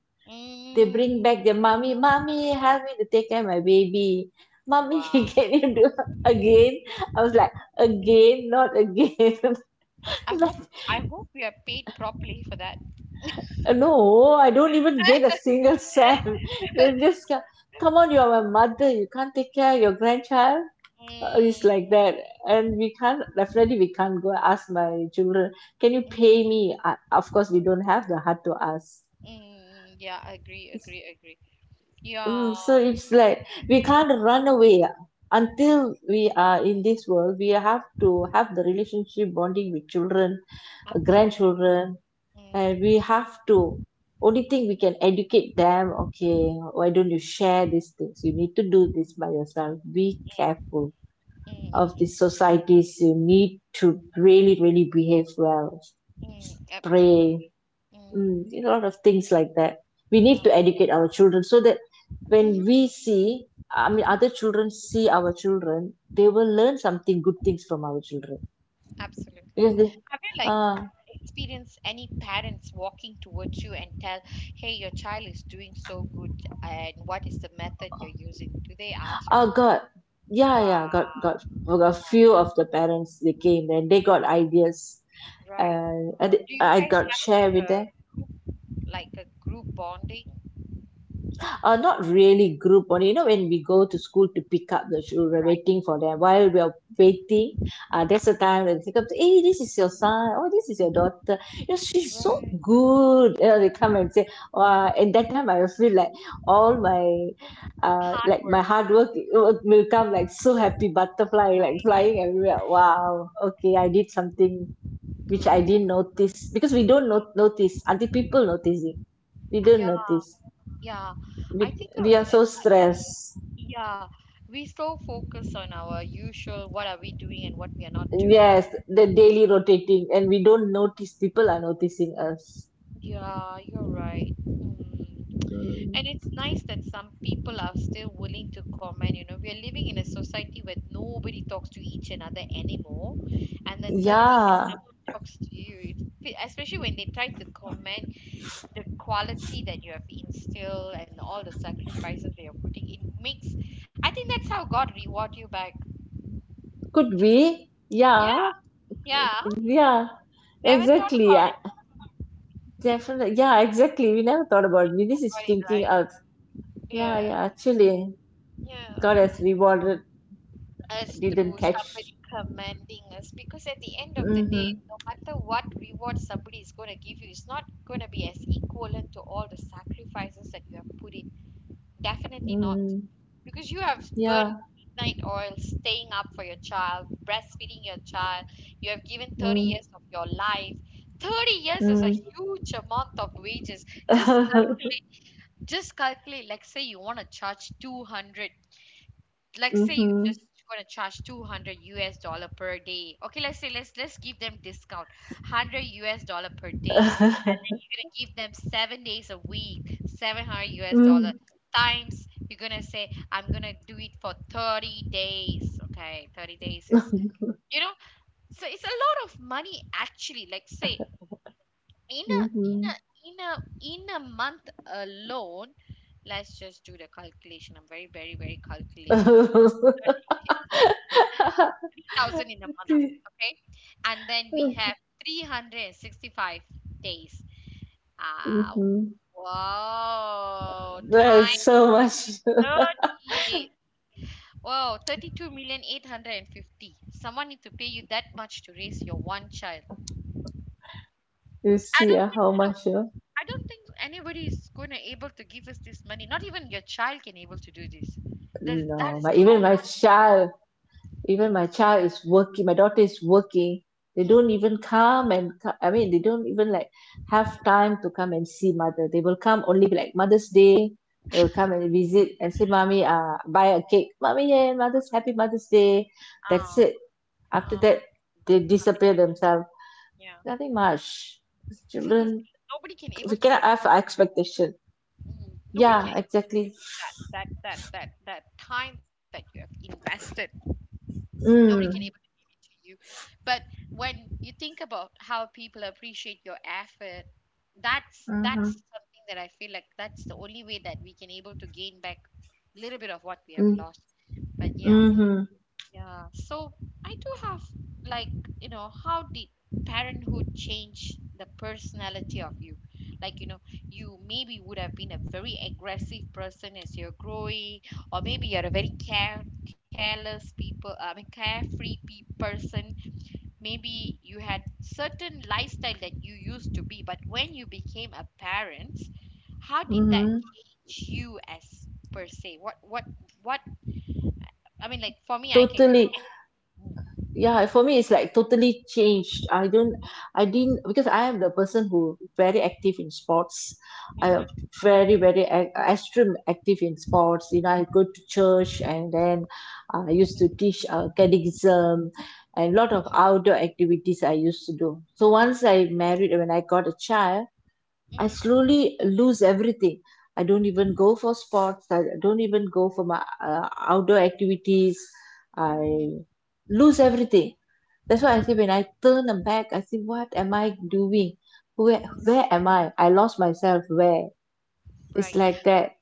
B: They bring
A: Mm.
B: back their mommy, mommy, help me to take care of my baby. Mommy,
A: Wow.
B: can you do again? I was like, again, not again.
A: I hope I hope we are paid properly for that.
B: No, I don't even get a single cent. They just ca- Come on, you're my mother. You can't take care of your grandchild. It's
A: Mm.
B: like that, and we can't, definitely we can't go ask my children. Can you pay me? Of course, we don't have the heart to ask.
A: Mm, yeah, agree, agree, agree. Yeah,
B: Mm, so it's like we can't run away until we are in this world. We have to have the relationship bonding with children,
A: absolutely.
B: grandchildren, and we
A: Mm,
B: have to only thing we can educate them, okay, why don't you share these things, you need to do this by yourself, be careful
A: mm,
B: of the
A: mm,
B: societies, you need to really behave well,
A: mm, absolutely.
B: pray,
A: Mm,
B: mm, you know, a lot of things like that we need
A: yeah.
B: to educate our children so that when
A: Mm-hmm,
B: we see, I mean
A: mm-hmm,
B: other children see our children, they will learn something good things from our children,
A: absolutely.
B: because they
A: Have you like
B: ah
A: experienced any parents walking towards you and tell, "Hey, your child is doing so good, and what is the method you're using?" Do they ask you? This?
B: got. Yeah, yeah, got,
A: Wow,
B: we got a
A: wow.
B: few of the parents, they came and they got ideas.
A: Right.
B: And
A: Do you
B: I
A: guys
B: got
A: have
B: share with them.
A: like a group bonding?
B: Uh, not really group. Only you know when we go to school to pick up the children,
A: Right.
B: waiting for them, while we are waiting, that's the time when they pick up, hey this is your son, oh this is your daughter, you know she's so
A: Right.
B: good, you know, they come and say wow, and that time I will feel like all my
A: Hard
B: like my
A: work.
B: hard work will come like so happy, butterfly like
A: Right.
B: flying everywhere,
A: Right.
B: wow, okay, I did something which I
A: Good.
B: didn't notice, because we don't notice until people notice it. We
A: Yeah,
B: don't notice.
A: yeah. I
B: we,
A: think I will.
B: we are so stressed.
A: Yeah, we so focus on our usual what are we doing and what we are not doing.
B: Yes, the daily rotating, and we don't notice people are noticing us.
A: Yeah, you're right. Mm.
B: Mm.
A: And it's nice that some people are still willing to comment. You know, we are living in a society where nobody talks to each another anymore. And then suddenly, when
B: Yeah,
A: someone talks to you, it, especially when they try to comment, the quality that you have instilled and all the sacrifices that you're putting in makes I think that's how God reward you back.
B: could be.
A: Yeah,
B: Yeah,
A: yeah.
B: yeah,
A: Never thought
B: exactly.
A: about it.
B: Yeah, definitely. Yeah, exactly. We never thought
A: You
B: about it.
A: thought
B: This
A: about
B: is
A: it, right?
B: thinking out. Yeah,
A: Yeah,
B: yeah, actually,
A: yeah.
B: God has rewarded,
A: Us through
B: didn't catch.
A: somebody commanding us because at the end of the day,
B: Mm-hmm.
A: no matter what reward somebody is going to give you, it's not going to be as equivalent to all the sacrifices that you have put in. Definitely not.
B: Mm-hmm.
A: Because you have burned
B: Yeah.
A: midnight oil staying up for your child, breastfeeding your child. You have given 30
B: Mm-hmm.
A: years of your life. 30 years is a huge amount of wages. Just calculate, just calculate, like say you want to charge 200 like say you
B: Mm-hmm.
A: just gonna charge 200 US dollar per day. Okay, let's say let's give them discount 100 US dollar per day, and then you're gonna give them 7 days a week, 700 US dollar times. You're gonna say, I'm gonna do it for 30 days. Okay, 30 days is you know, so it's a lot of money actually. Like say in a in
B: Mm-hmm.
A: a in a in a month alone, let's just do the calculation. I'm very very very calculative. 3,000 in a month.
B: Okay.
A: Okay, and then we have 365 days. Ah,
B: Mhm.
A: wow,
B: There's
A: time
B: so much.
A: 30 days. Wow, thirty-two million eight hundred and fifty. Someone need to pay you that much to raise your one child.
B: You
A: I
B: see
A: don't think
B: how
A: so.
B: much.
A: I don't think anybody is going to able to give us this money. Not even your child can able to do this. That
B: No,
A: is
B: my,
A: how much.
B: even my child is working. My daughter is working. They don't
A: Mm,
B: even come and co- I mean, they don't even like have
A: mm,
B: time to come and see mother. They will come only like Mother's Day. They will come and visit and say, "Mommy, buy a cake, mommy, yeah, Mother's Happy Mother's Day." That's
A: uh,
B: it. After
A: uh,
B: that, they
A: nothing
B: disappear
A: much.
B: themselves.
A: Yeah.
B: Nothing much.
A: Seriously,
B: Children,
A: nobody can able
B: we
A: to give.
B: cannot have expectation.
A: Mm. Nobody can
B: Yeah,
A: able to give
B: exactly.
A: you that time that you have invested. Nobody can able to
B: Mm.
A: give it to you. But when you think about how people appreciate your effort, that's
B: Mm-hmm.
A: something that I feel like that's the only way that we can able to gain back a little bit of what we have lost. But yeah.
B: Mm-hmm.
A: Yeah. So I do have like, how did parenthood change the personality of you? Like, you know, you maybe would have been a very aggressive person as you're growing, or maybe you're a very care careless people, I mean carefree pe person. Maybe you had certain lifestyle that you used to be, but when you became a parent, how did that
B: Mm-hmm.
A: change you as per se? What I mean like for me I can I,
B: Totally.
A: Mhm.
B: Yeah, for me, it's like totally changed. I didn't, because I am the person who very active in sports. I am
A: Mhm.
B: very extreme active in sports. You know, I go to church and then I used
A: Mhm.
B: to teach catechism and a lot of outdoor activities I used to do. So once I married, when I got a child,
A: Mhm.
B: I slowly lose everything. I don't even go for sports. I don't even go for my outdoor activities.
A: Mhm.
B: I lose
A: Mhm.
B: everything. That's why I say
A: Mhm.
B: when I turn them back, I say, what am I doing? Where
A: Mhm.
B: where am I? I lost myself. Where? It's
A: Right.
B: like that.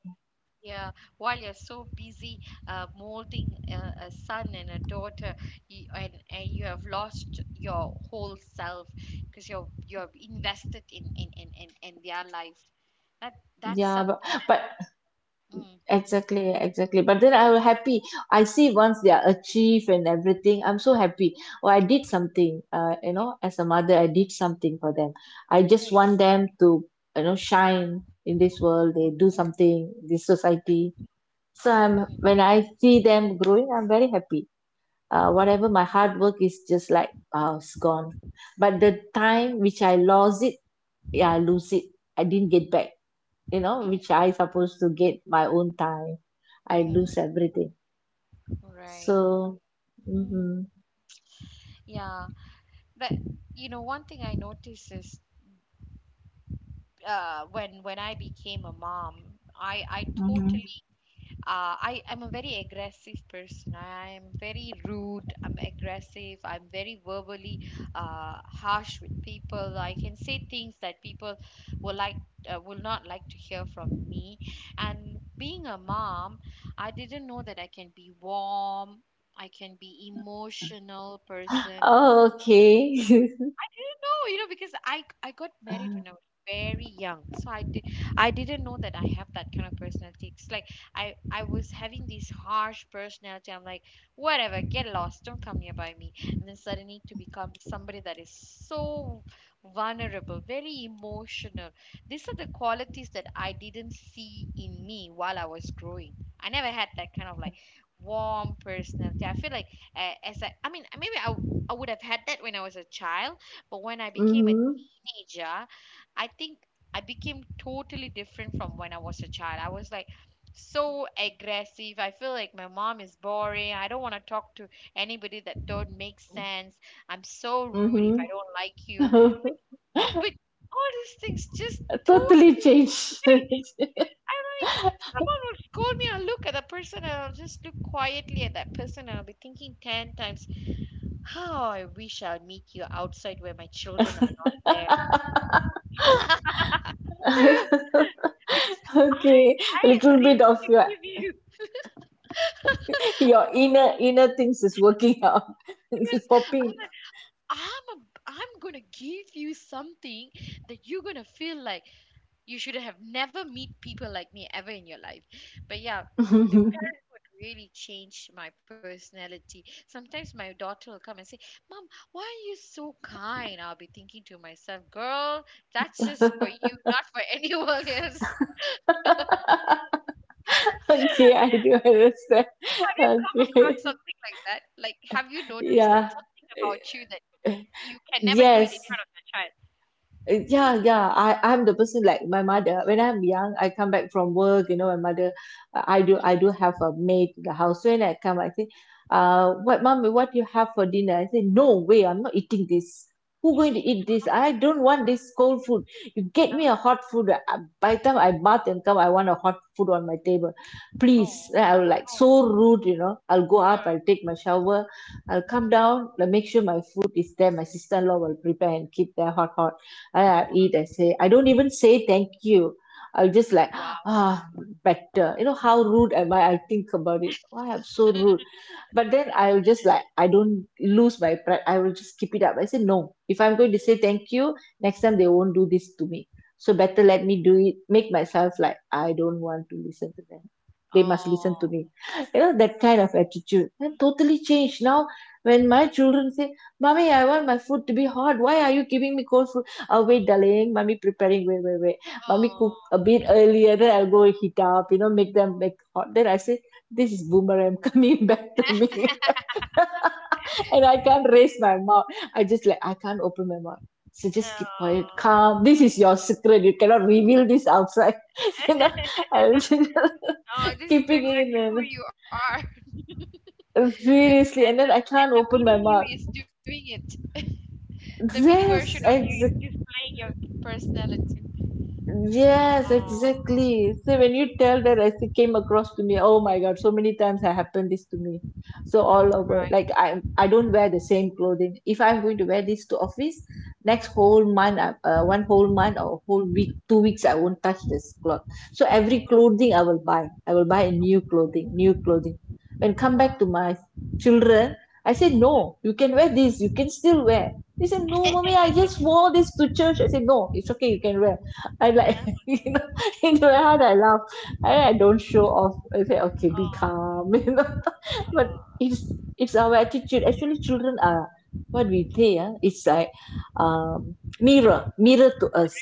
A: Yeah. While you're so busy molding a son and a daughter, and you have lost your whole self because you're invested in their life. That's
B: Yeah,
A: something.
B: but
A: Mm.
B: exactly, exactly. But then I will happy. I see once they are achieved and everything, I'm so happy. Oh, I did something. You know, as a mother, I did something for them. I just
A: Right.
B: want them to, you know, shine in this world. They do something, this society. So I'm
A: Mm,
B: when I see them growing, I'm very happy. Uh, whatever my hard work is just like it's gone, but the time which I lost it, yeah I lose it, I didn't get back, you know,
A: mm, mm,
B: which I supposed to get my own time, I
A: mm.
B: lose everything,
A: Right.
B: so
A: Mm.
B: mm-hmm,
A: Yeah. But you know, one thing I noticed is when I became a mom, I
B: mm-hmm.
A: totally I am a very aggressive person. I am very rude. I'm aggressive. I'm very verbally harsh with people. I can say things that people will will not like to hear from me. And being a mom, I didn't know that I can be warm. I can be emotional person
B: Oh, okay.
A: didn't know, you know, because I got married when I was very young, so I didn't know that I have that kind of personality. It's like I was having this harsh personality. I'm like, whatever, get lost, don't come nearby me. And then suddenly to become somebody that is so vulnerable, very emotional. These are the qualities that I didn't see in me while I was growing. I never had that kind of like warm personality. I feel like I mean, maybe I would have had that when I was a child, but when I became a
B: Mm-hmm,
A: teenager, I think I became totally different from when I was a child. I was like so aggressive. I feel like my mom is boring. I don't want to talk to anybody that don't make sense. I'm so rude if
B: mm-hmm.
A: I don't like you. But but all these things just
B: Totally
A: totally
B: changed.
A: changed. I'm like someone will scold me. I'll look at the person and I'll just look quietly at that person and I'll be thinking ten times, how I wish I'll meet you outside where my children are not there because I
B: Okay.
A: I am
B: Little
A: ready
B: bit of
A: to give you.
B: your inner things is working out.
A: Yes,
B: It's
A: I'm like,
B: popping.
A: I'm gonna give you something that you're gonna feel like you should have never meet people like me ever in your life. But yeah, parenthood really changed my personality. Sometimes my daughter will come and say, "Mom, why are you so kind?" I'll be thinking to myself, "Girl, that's just for you, not for anyone else."
B: Okay, I do understand.
A: Have you come
B: Okay.
A: across something like that? Like, have you noticed that
B: Yeah.
A: something about you that you can never do it in
B: Yes.
A: front of your child?
B: Yeah,
A: Mm.
B: yeah. I, I'm the person like my mother. When I'm young, I come back from work, you know, my mother, I do,
A: Mm-hmm.
B: I do have a maid in the house. So when I come, I say, what, mommy, what you have for dinner? I say, no way, I'm not eating this. Who going to eat this? I don't want this cold food. You get me a hot food. By the time I bath and come, I want a hot food on my table.
A: oh,
B: Please. Then I will like
A: oh,
B: so rude, you know. I'll go up,
A: yeah.
B: I'll take my shower, I'll come
A: Mm-hmm.
B: down, I'll make sure my food is there. My sister-in-law will prepare and keep there hot, hot. I eat. I say I don't even say thank you. I'll just like
A: Wow. Wow.
B: ah better. You know how rude am I? I think about it. Why I'm so rude, but then I'll just like I don't lose my pride. I will just keep it up. I said no. If I'm going
A: Mm,
B: to say thank you, next time they won't do this to me. So better
A: mm.
B: let me do it. Make myself like I don't want to listen to them. They must listen to
A: Oh,
B: me. You know that kind of attitude. And
A: mm.
B: totally changed now. When my children say, "Mommy, I want my food to be hot. Why are you giving me cold food? Oh wait, darling. Mommy preparing. Wait, wait, wait. Mommy
A: Oh,
B: cook a bit earlier. Then I'll go heat up. Make them make hot. Then I say. This is boomerang coming back to me. And I can't raise my mouth. I just like, I can't open my mouth. So just keep quiet,
A: oh.
B: calm. This is your secret. You cannot reveal this outside. you know,
A: Oh,
B: I'm
A: this is
B: keeping
A: exactly who
B: in
A: you are. And
B: and
A: the
B: seriously. And then I
A: and the
B: can't
A: mini
B: open my
A: you
B: mouth.
A: is doing it. The mini version of you
B: Yes,
A: is displaying your personality. Oh,
B: Yes, exactly. So when you tell that, as it came across to me, oh my God, so many times I happened this to me. So all
A: right.
B: over, like I don't wear the same clothing. If I'm going to wear this to office, next whole month, one whole month or whole week, 2 weeks, I won't touch this cloth. So every clothing I will buy a new clothing, new
A: Mhm.
B: clothing. When come back to
A: Wow.
B: my children, I said,
A: Uh-huh.
B: no, you can wear this, you can still wear. They said, no, mommy, I just wore this to church. I said, no, it's okay, you can wear. I like
A: Yeah.
B: you know you know how I laugh. I don't show off. I say, okay, be
A: Oh,
B: calm. But
A: uh,
B: it's our attitude. Actually, children are what we say, it's like, um mirror Mirror to us.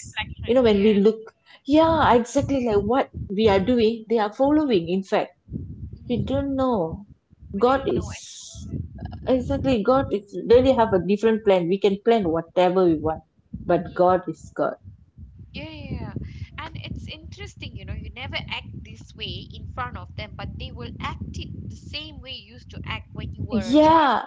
B: You
A: reflection.
B: know, when we
A: Yeah.
B: look, yeah, exactly like what we are doing, they are following. In fact, we
A: Mhm.
B: don't know.
A: We
B: God
A: didn't
B: is,
A: know it.
B: exactly,
A: Mhm.
B: God is really have a different plan. We can plan whatever we want, but
A: Mm.
B: God is...
A: Yeah, yeah, yeah. And it's interesting, you know, you never act this way in front of them, but they will act it the same way you used to act when you
B: God.
A: were a child.
B: Yeah.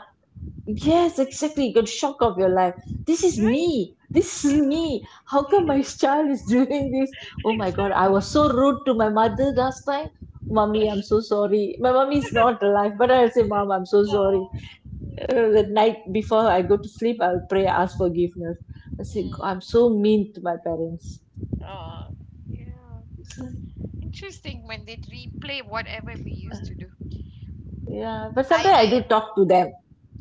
A: And
B: Yes,
A: I'm like,
B: exactly. You got shock of your life. This is
A: right?
B: me. This is
A: Yeah.
B: me. How come my child is doing this? Oh my God, I
A: Exactly.
B: was so rude to my mother last time. Mummy, I'm so sorry. My mummy is not alive, but I'll say, Mom, I'm so sorry.
A: Oh. Yeah.
B: The night before I go to sleep, I'll pray, ask forgiveness. I say,
A: Mm.
B: "God, I'm so mean to my parents."
A: Oh. Yeah. Interesting when they replay whatever we used to do.
B: Yeah, but sometimes I
A: I
B: do talk to them.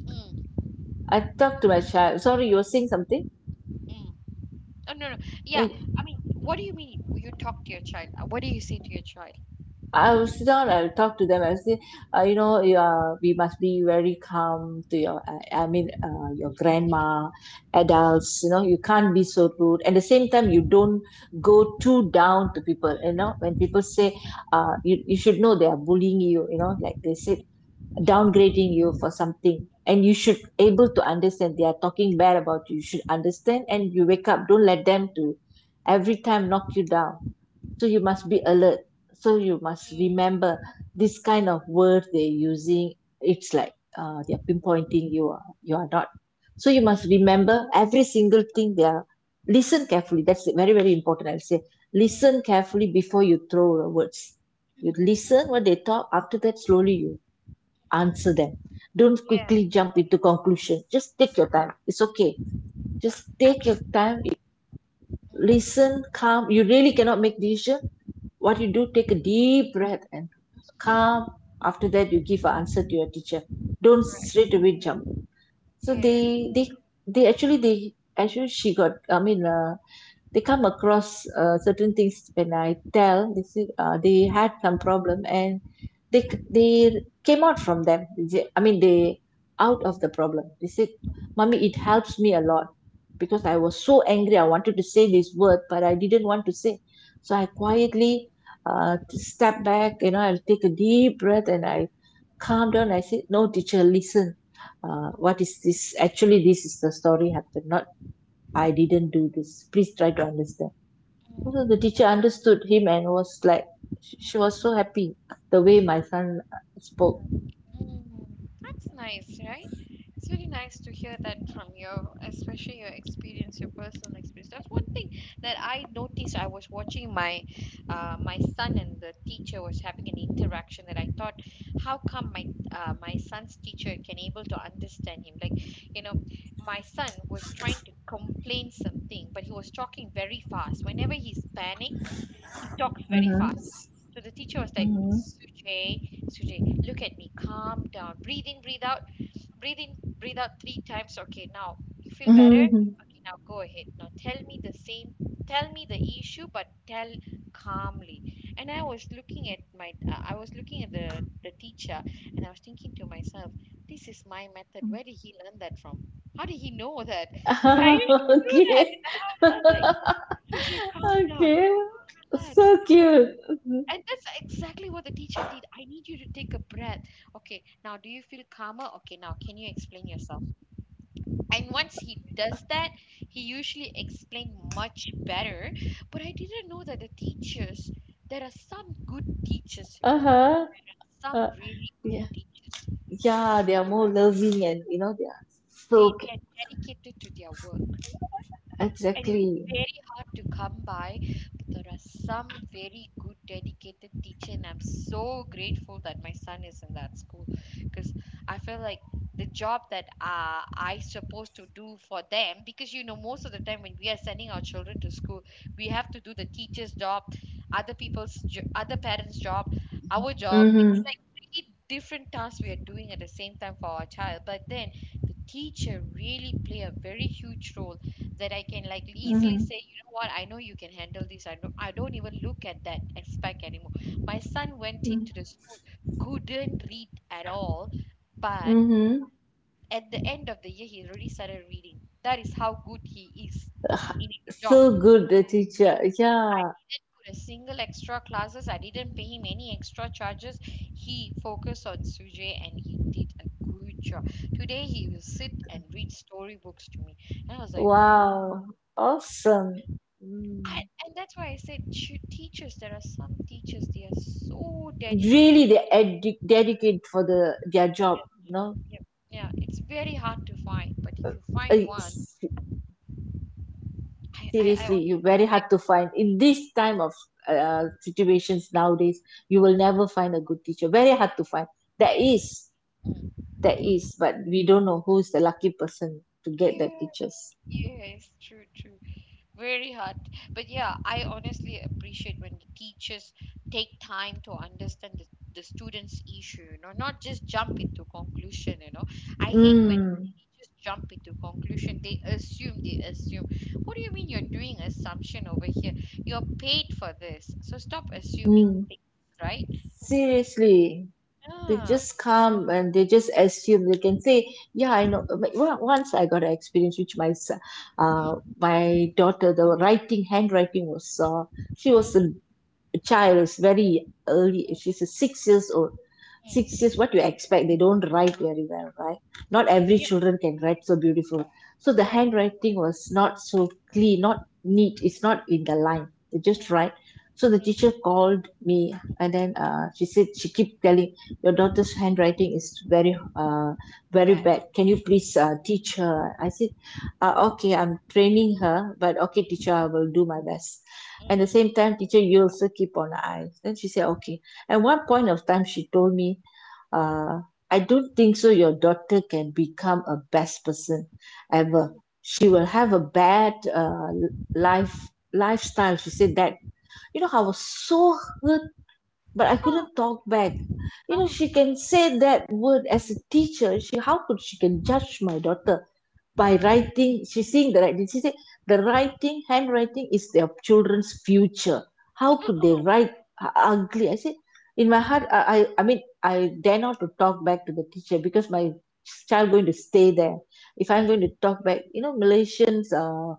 A: mm,
B: I talk to my child. Sorry, you were saying something?
A: mm. Oh no no. Yeah.
B: Like,
A: I mean, what do you mean you talk to your child? What do you say to your child?
B: I will sit down, I'll talk to them, I'll say, you know, you are... we must be very calm to your... I mean your grandma, adults. You know, you can't be so rude. At the same time, you don't go too down to people. You
A: Mm,
B: know, when people say, you should know they are bullying you. You know, like they said,
A: mm, mm,
B: downgrading you for something, and you should able to understand they are talking bad about you. You should understand. And you wake up, don't let them to every time knock you down. So you must be alert. So you must
A: mm,
B: remember this kind of word they're using. It's like, they're pinpointing you are... you are not. So you must remember every single thing they are. Listen carefully. That's very very important, I'll say. Listen carefully before you throw the words. You
A: mm,
B: listen what they talk. After that, slowly you answer
A: mm.
B: them. Don't
A: Yeah.
B: quickly jump into conclusion. Just take your time, it's okay. Just take your
A: Absolutely.
B: time. Listen, calm. You really cannot make decision. What you do, take a deep breath and calm. After that, you give an answer to your teacher. Don't
A: Correct.
B: straight away jump. So
A: Yeah.
B: they they actually she got, I mean they come across certain things. When I tell, they say, they had some problem, and they they came out from them. They, I mean, they out of the problem. They said, "Mummy, it
A: Mm,
B: helps me a lot because I was so angry. I wanted to say this word, but I didn't want to say. So I quietly step back. You know, I'll take a deep breath and I calm down.
A: mm,
B: I said, 'No, teacher, listen.'
A: mm,
B: What is this? Actually, this is the story happened. Not... I didn't do this. Please try to
A: mm,
B: understand." So the
A: mm,
B: teacher understood him and was like... she
A: mm.
B: was so happy the way my son spoke.
A: Mm, that's nice, right? It's really nice to hear that from your, especially your experience, your personal experience. That's one thing that I noticed. I was watching my, my son and the teacher was having an interaction that I thought, how come my, my son's teacher can able to understand him? You know, my son was trying to complain something, but he was talking very fast. Whenever he's panicked, he talks very
B: Mmhmm.
A: fast. So the teacher was like,
B: Mmhmm.
A: Sujay, Sujay, look at me, calm down, breathe in, breathe out, breathe in, breathe out three times. Okay, now you feel better.
B: Mmhmm.
A: Okay, now go ahead. Now tell me tell me the issue, but tell calmly. And I was looking at my, I was looking at the teacher, and I was thinking to myself, this is my method. Where did he learn that from? How did he know that? Because I usually do that in
B: Okay.
A: the house. I was like. Sujay,
B: Okay,
A: calm down, relax,
B: so
A: bro.
B: cute. Mhm.
A: And that's exactly what the teacher did. I need you to take a breath. Okay, now do you feel calmer? Okay, now can you explain yourself? And once he does that, he usually explained much better. But I didn't know that the teachers, there are some good teachers, you know,
B: Uh-huh.
A: some
B: uh,
A: really good
B: yeah.
A: teachers.
B: Yeah, they are more loving, and you know they are so
A: They are dedicated to their work. It is
B: exactly.
A: very hard to come by, but there are some very good, dedicated teacher, and I'm so grateful that my son is in that school because I feel like the job that I supposed to do for them, because you know most of the time when we are sending our children to school, we have to do the teacher's job, other parents' job, our job. It's
B: Mm-hmm.
A: like three different tasks we are doing at the same time for our child, but then the teacher really play a very huge role that I can like easily
B: Mm-hmm.
A: say, you know what, I know you can handle this. I don't even look at that aspect anymore. My son went into
B: Mm-hmm.
A: the school, couldn't read at all, but
B: Mm-hmm.
A: at the end of the year he already started reading. That is how good he is in his job.
B: So good, the teacher.
A: I
B: Yeah.
A: didn't put a single extra classes, I didn't pay him any extra charges. He focused on Sujay and he did a good job. Today he will sit and read storybooks to me. And I was like, wow.
B: Wow, awesome.
A: I
B: Mm.
A: and that's why I said should teachers. There are some teachers they are so dedicated.
B: Really, they dedicate for the their job,
A: Yeah,
B: you know.
A: yeah, yeah. It's very hard to find, but if you find
B: Uh,
A: one,
B: s-
A: I
B: Seriously,
A: honestly
B: you
A: feel
B: very hard
A: like
B: to find in this time of situations nowadays. You will
A: mm, mm,
B: never find a good teacher. Very hard to find. There
A: very very.
B: is,
A: Mm.
B: there is, but we don't know who's the lucky person to get the
A: Yeah,
B: teachers.
A: yes, true, true. Very hard. But yeah, I honestly appreciate when the teachers take time to understand the students' issue, you know, not just jump into conclusion, you know. I hate when
B: Mm.
A: teachers jump into conclusion. They assume, they assume. What do you mean you're doing assumption over here? You're paid for this. So stop assuming
B: Mm.
A: things, right?
B: Seriously. They
A: Ah.
B: just come and they just assume, they can say. Yeah, I know, but once I got an experience which my
A: Mm,
B: my daughter. The writing, handwriting was she
A: mhm,
B: was...
A: mm,
B: child is very early. If
A: mm.
B: she's a 6 years old, 6 years,
A: Mm.
B: what do you expect? They don't write very well, right? Not every
A: Yep,
B: children can write so beautiful. So the
A: correct.
B: handwriting was not so clean, not neat, it's not in the line, they just
A: Mm,
B: write. So the teacher
A: mhm,
B: called me,
A: mm, mhm.
B: and then she said, she keep telling, your daughter's handwriting is very very
A: Bad.
B: bad, can you please teach her? I said, okay, I'm training her, but okay, teacher, I will do my best.
A: Mm,
B: At the
A: mm,
B: same time, teacher, you also keep on our eyes. Then she said, okay. At one point of time, she told me, uh I don't think so your daughter can become a best person ever.
A: mm,
B: She will
A: mm.
B: have a bad life, lifestyle, she said that. You know, I was so hurt, but I
A: Huh.
B: couldn't talk back. You know,
A: Ah.
B: she can say that word as a teacher. She, how could she can judge my daughter by
A: Mm.
B: writing? She's seeing the writing. She said the writing, handwriting is their children's future. How could they
A: Mm,
B: write ugly, I said in my heart.
A: mm,
B: I mean, I dare not to talk back to the teacher because my child
A: mm,
B: going to stay there. If I'm going to talk back, you know, Malaysians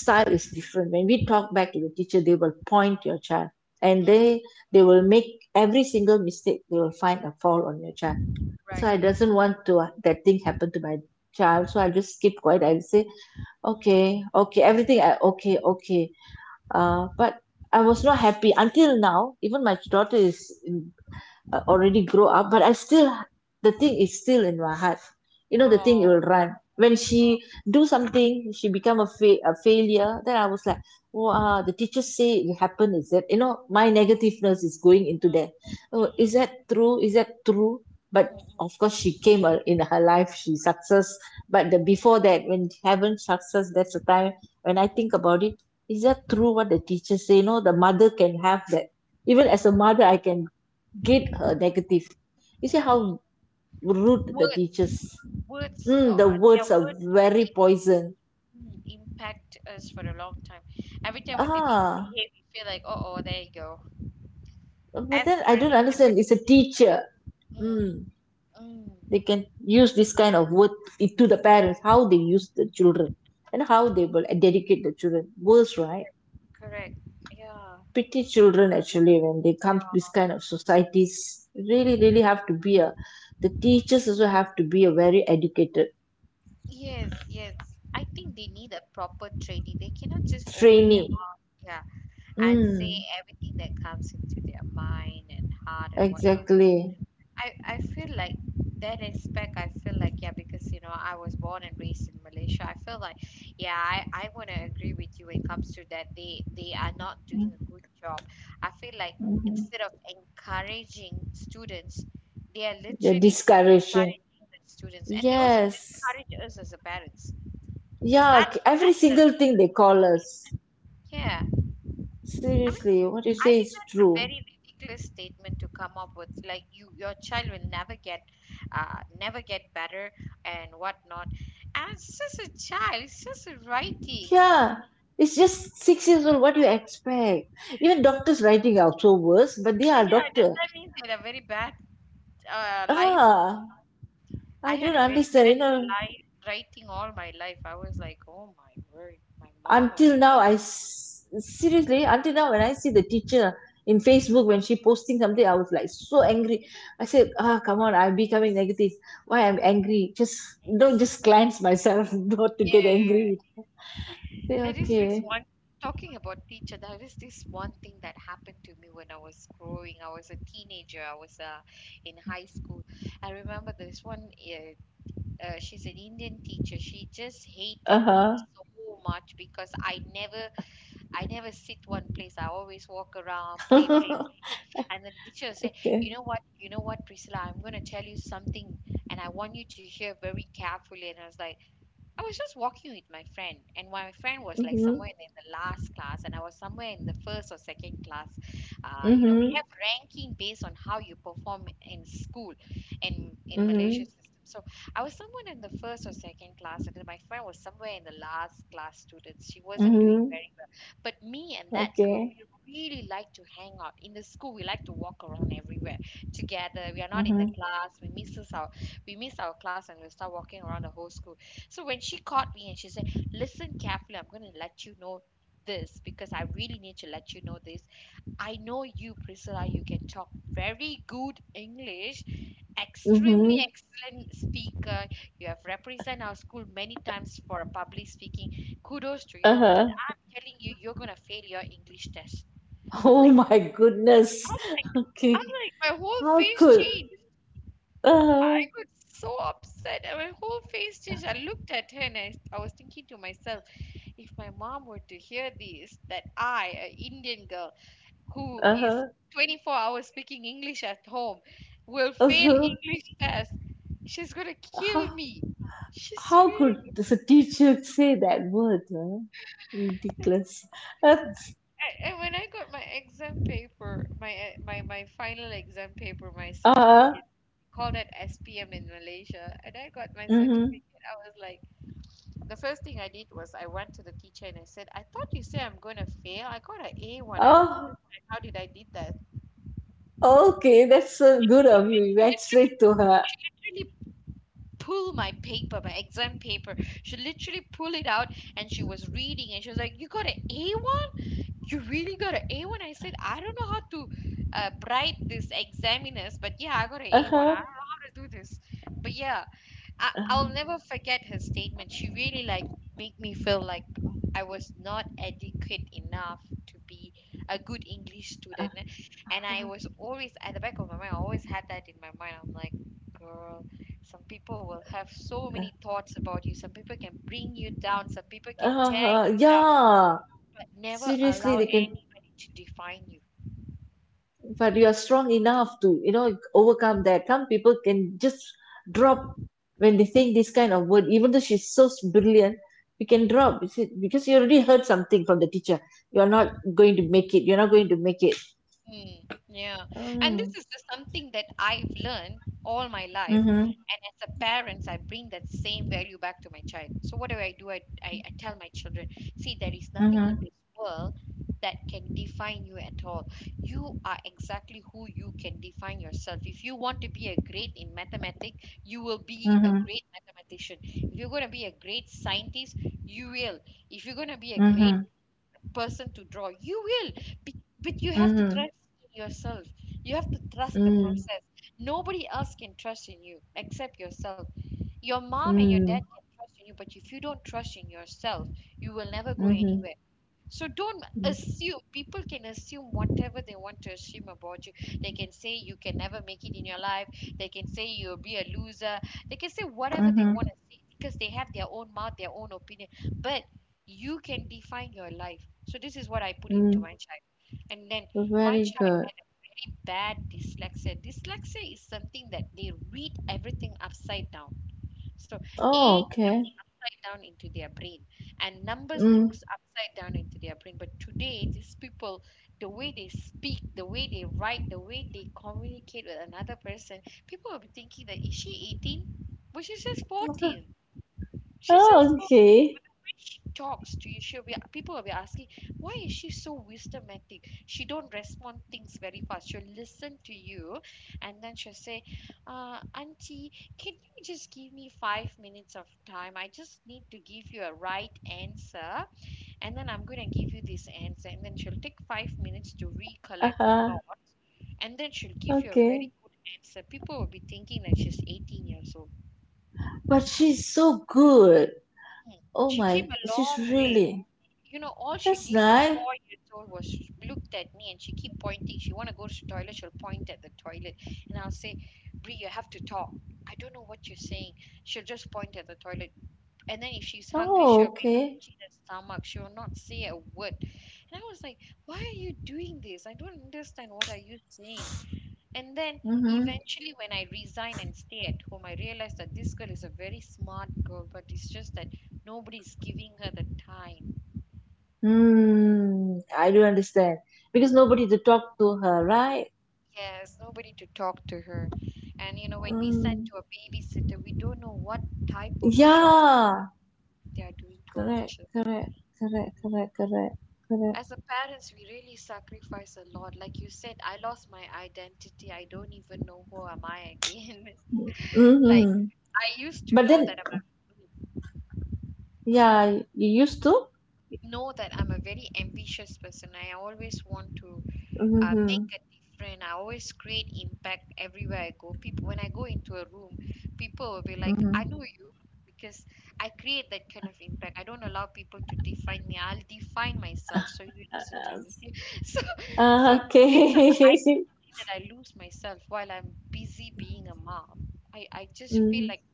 B: style is different. When we talk back to the teacher, they will point your child, and
A: mm,
B: they will
A: mm,
B: make every single mistake. They will find a fault on your child. So
A: right.
B: I doesn't want to that thing happen to my child. So I just keep quiet. I say,
A: Mm.
B: okay, okay, everything I, okay, okay. But I was not happy until now. Even my daughter is in already grow up, but I still... the thing is still in my heart. You know, the thing
A: Oh.
B: will run when she
A: Oh.
B: do something. She become a, a failure. Then I was like, wow, the teachers say it happened. Is that, you know, my negativeness is going into there? Oh, is
A: Mm,
B: that true? Is that true? But
A: mm, mm,
B: of course, she came in her life she success. But the before that, when haven't success, that's the time when I
A: mm,
B: think about it. Is that true what the teachers say? You know, the mother can have that. Even
A: mm,
B: as a
A: mm,
B: mother, I can get her negative. You
A: mm,
B: see
A: mm.
B: how rude the
A: Words,
B: teachers.
A: words, uh,
B: Mm, the
A: uh, yeah,
B: words are
A: words
B: very
A: really
B: poison.
A: impact us for a long time. Every time when they
B: Ah,
A: misbehave, we feel like, oh, oh, there you go,
B: but then
A: as
B: I don't
A: predicted with
B: understand.
A: it.
B: It's a teacher.
A: Mm,
B: Mm,
A: mm,
B: they can use this kind of word to the parents. How they use the children, and how they will dedicate the children. Worse, right?
A: correct, correct. Yeah,
B: Pity children actually when they come to this
A: yeah.
B: kind of societies. Really, really have to be a. The teachers also have to be a very educated
A: Yes, yes. I think they need a proper training. They cannot just open their
B: trainee.
A: mouth. Yeah, and say
B: Mm,
A: everything that comes into their mind and heart and whatnot.
B: exactly.
A: I feel like that aspect, I feel like, yeah, because, you know, I was born and raised in Malaysia. I feel like, yeah, I want to agree with you when it comes to that. They are not doing a good job. I feel like
B: Mhm.
A: instead of encouraging students, they are
B: They're
A: literally
B: discouraging.
A: discouraging the students. And they also
B: Yes.
A: discourage us as a parents because
B: Yeah, every
A: that's a
B: single thing they
A: ridiculous
B: call us.
A: thing. Yeah. I mean,
B: Seriously, what you
A: I
B: say
A: think
B: is
A: that's a
B: true.
A: very ridiculous statement to come up with. Like you, your child will never get, never get better and whatnot. And it's just a child. It's just a writing.
B: Yeah. It's just 6 years old, what do you expect? Even doctors writing are so worse, but they are
A: Yeah, does
B: doctor.
A: that mean they had a very bad life?
B: Ah,
A: I
B: I
A: had
B: don't
A: a very
B: understand. You
A: bad
B: know,
A: life writing all my life. I was like, oh my word, my mom would be
B: until now
A: like,
B: seriously, until now, when I see the teacher in
A: "Hmm."
B: Facebook, when she posting something, I was like so angry. I said, ah, come on, I'm becoming negative. Why I'm angry? Just don't. Just cleanse myself not to get
A: Yeah.
B: angry. Say
A: There is this
B: okay.
A: one, talking about teacher, there is this one thing that happened to me when I was growing. I was a teenager, I was in high school. I remember this one, she's an Indian teacher. She just hated me
B: Uh-huh.
A: so much because I never sit one place. I always walk around, play, play, play. And the teacher said,
B: Okay.
A: you know what, Priscilla, I'm going to tell you something and I want you to hear very carefully. And I was like, I was just walking with my friend, and my friend was like somewhere
B: Mm-hmm.
A: in the last class, and I was somewhere in the first or second class. You know, we
B: Mm-hmm.
A: have ranking based on how you perform in school and in
B: Mm-hmm.
A: Malaysia system. So I was someone in the first or second class, and then my friend was somewhere in the last class students. She wasn't doing
B: Mm-hmm.
A: very well. But me and that girl,
B: Okay.
A: we really like to hang out. In the school, we like to walk around everywhere together. We are not in the
B: Mm-hmm.
A: class. We miss our class and we start walking around the whole school. So when she caught me and she said, listen carefully, I'm going to let you know this because I really need to let you know this. I know you, Priscilla, you can talk very good English, extremely
B: Mm-hmm.
A: excellent speaker. You have represented our school many times for a public speaking. Kudos to you, but
B: Uh-huh.
A: I'm telling you, you're going to fail your English test. I'm
B: Oh
A: like,
B: my goodness,
A: I'm like, I'm
B: okay.
A: like, my whole
B: How
A: face
B: could...
A: changed. I
B: uh-huh.
A: was so upset and my whole face changed. I looked at her and I was thinking to myself, if my mom were to hear this, that I, an Indian girl who is
B: Uh-huh.
A: 24 hours speaking English at home, will fail
B: Uh-huh.
A: English test, she's gonna kill
B: How,
A: me. She's
B: how
A: really
B: could the
A: gonna
B: teacher say that word? Huh?
A: kill me.
B: Ridiculous. That's,
A: And when I got my exam paper, my final exam paper, my
B: uh,
A: certificate, called it SPM in Malaysia, and I got my
B: mm-hmm.
A: certificate. I was like, the first thing I did was I went to the teacher and I said, I thought you said I'm going to fail. I got an A one. I don't
B: Oh,
A: understand how did I did that.
B: okay. That's so
A: She
B: good of you. You went
A: literally,
B: straight to her.
A: literally pulled my paper, my exam paper. She literally pulled it out and she was reading and she was like, you got an A1? You really got an A1? I said, I don't know how to bribe this examiners, but yeah, I got an A1.
B: Uh-huh.
A: I don't know how to do this. But yeah, I'll
B: Uh-huh.
A: never forget her statement. She really like made me feel like I was not adequate enough to be a good English student. And I was always at the back of my mind, I always had that in my mind. I'm like, girl, some people will have so many thoughts about you. Some people can bring you down, some people can tear
B: Uh-huh.
A: you down,
B: Yeah.
A: but never
B: Seriously,
A: allow
B: they can...
A: anybody to define you.
B: but you are strong enough to, you know, overcome that. Some people can just drop
A: Mm,
B: when they
A: mm,
B: think this kind of word. Even though she's so brilliant, you can
A: mm,
B: drop, you see, because you already heard something from the teacher. You're not
A: mm.
B: going to make it. You're not going to make it.
A: Mm, yeah. And
B: Mm.
A: this is just something that I've learned all my life.
B: Mm-hmm.
A: And as a parent, I bring that same value back to my child. So what do I do? I tell my children, see, there is nothing in
B: Mm-hmm.
A: this world that can define you at all. You are exactly who you can define yourself. If you want to be a great in mathematics, you will be a
B: Mm-hmm.
A: great mathematician. If you're going to be a great scientist, you will. If you're going to be a great
B: Mm-hmm.
A: person to draw you will be- but you have to
B: Mm-hmm.
A: trust in yourself, you have to trust the
B: Mm.
A: process, nobody else can trust in you except yourself. Your mom and your dad
B: Mm.
A: can trust in you, but if you don't trust in yourself you will never go
B: Mm-hmm.
A: anywhere. So don't
B: Mm.
A: assume, people can assume whatever they want to assume about you, they can say you can never make it in your life, they can say you'll be a loser, they can say whatever they
B: Mm-hmm.
A: want to say because they have their own mouth, their own opinion, but you can define your life. So this is what I put into
B: Mm.
A: my child. And then my
B: Very
A: child
B: good.
A: very bad dyslexia. Dyslexia is something that they read everything upside down. So A
B: Oh, okay.
A: upside down into their brain and numbers
B: Mm.
A: looks upside down into their brain. But today these people, the way they speak, the way they write, the way they communicate with another person, people will be thinking that is she 18? But she's just 14. She's
B: Oh,
A: just 14.
B: okay.
A: She talks to you she'll be People will be asking why is she so wisdomatic, she don't respond things very fast, she'll listen to you and then she'll say, auntie, can you just give me 5 minutes of time, I just need to give you a right answer and then I'm going to give you this answer. And then she'll take 5 minutes to recollect her
B: Uh-huh.
A: thoughts and then she'll give you a very
B: Okay.
A: good answer. People will be thinking that she's 18 years old.
B: But she's so good.
A: Hmm.
B: Oh
A: She
B: my,
A: came a
B: she's
A: long way.
B: really.
A: You know, all she
B: That's
A: did at
B: nice.
A: 4 years old was looked at me and she keep pointing, she want to go to the toilet, she'll point at the toilet and I'll say, Brie, you have to talk, I don't know what you're saying. She'll just point at the toilet. And then if she's hungry
B: Oh,
A: she'll be
B: okay.
A: touching her stomach, she will not say a word and I was like, why are you doing this, I don't understand what are you saying. And then
B: Mm-hmm.
A: eventually when I resign and stay at home I realized that this girl is a very smart girl, but it's just that nobody's giving her the time.
B: Mm, I do understand. Because
A: Mm.
B: nobody to talk to her, right?
A: Yes, nobody to talk to her. And you know, when we send
B: Mm,
A: to a babysitter, we don't know what type of job
B: yeah.
A: they are doing to our
B: Correct,
A: children.
B: correct,
A: Yeah.
B: correct, correct, correct, correct.
A: As a parents, we really sacrifice a lot. Like you said, I lost my identity. I don't even know who am I again. Like
B: Mm-hmm.
A: I used to
B: But
A: know
B: then,
A: that I'm a
B: yeah, you used to?
A: know that I'm a very ambitious person. I always want to make
B: Mm-hmm.
A: a difference. I always create impact everywhere I go. People, when I go into a room, people will be like,
B: Mm-hmm.
A: I know you because I create that kind of impact. I don't allow people to define me. I'll define myself. So you listen to me. so, so
B: Ah,
A: these are the
B: okay.
A: identity that I lose myself while I'm busy being a mom. I just feel
B: Mm,
A: like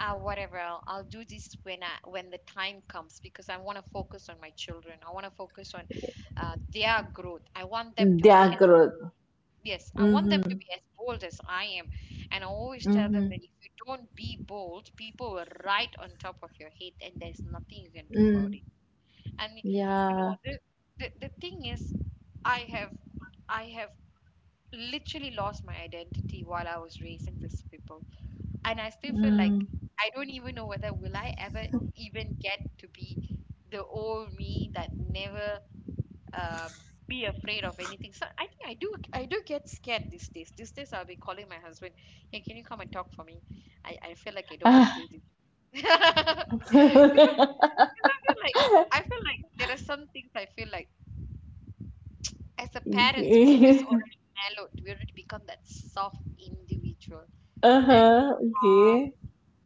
A: ah whatever I'll do this when I when the time comes because I want to focus on my children. I want to focus on their growth. I want them to be
B: their growth.
A: yes, I want them to
B: Mm-hmm.
A: be as bold as I am. And I always tell them
B: Mm-hmm.
A: that if you don't be bold, people will right on top of your head and there's nothing you can do about
B: Mm,
A: it. And you
B: yeah.
A: know, the thing is I have I have literally lost my identity while I was raising these people. And I still feel like
B: Mm.
A: I don't even know whether will I ever even get to be the old me that never uh, be afraid of anything. So I think I do get scared these days. These days I'll be calling my husband, hey, can you come and talk for me? I feel like I don't want to
B: Ah.
A: do this. Because I, because I feel like there are some things I feel like as a parents we just
B: Okay.
A: already mellowed. We already become that soft individual,
B: Uh
A: that
B: huh.
A: calm,
B: Okay.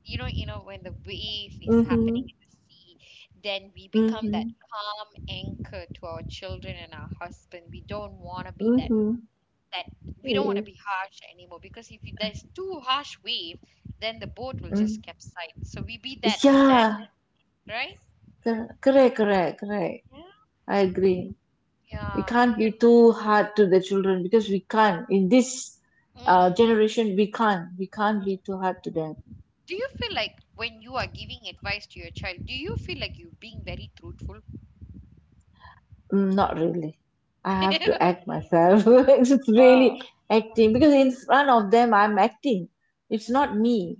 A: when the wave is happening
B: Mhm.
A: in the sea, then we become that
B: Mhm.
A: calm anchor to our children and our husband. We don't want to be that
B: Mhm.
A: that we don't want
B: Eh,
A: to be harsh anymore because if there's too harsh wave, then the boat will just
B: mm.
A: capsize. So we be that that,
B: Yeah,
A: right?
B: correct, correct, correct.
A: Yeah.
B: I agree. We
A: Yeah.
B: can't
A: You,
B: be too hard to the children because we can't. In this
A: mm,
B: generation, we can't. We can't be
A: mm.
B: too hard to them.
A: Do you feel like when you are giving advice to your child, do you feel like you being very truthful?
B: Mm, not really. I have to act myself. It's
A: Oh.
B: really acting
A: Mm,
B: because in front of them, I'm acting. It's not
A: mm,
B: me.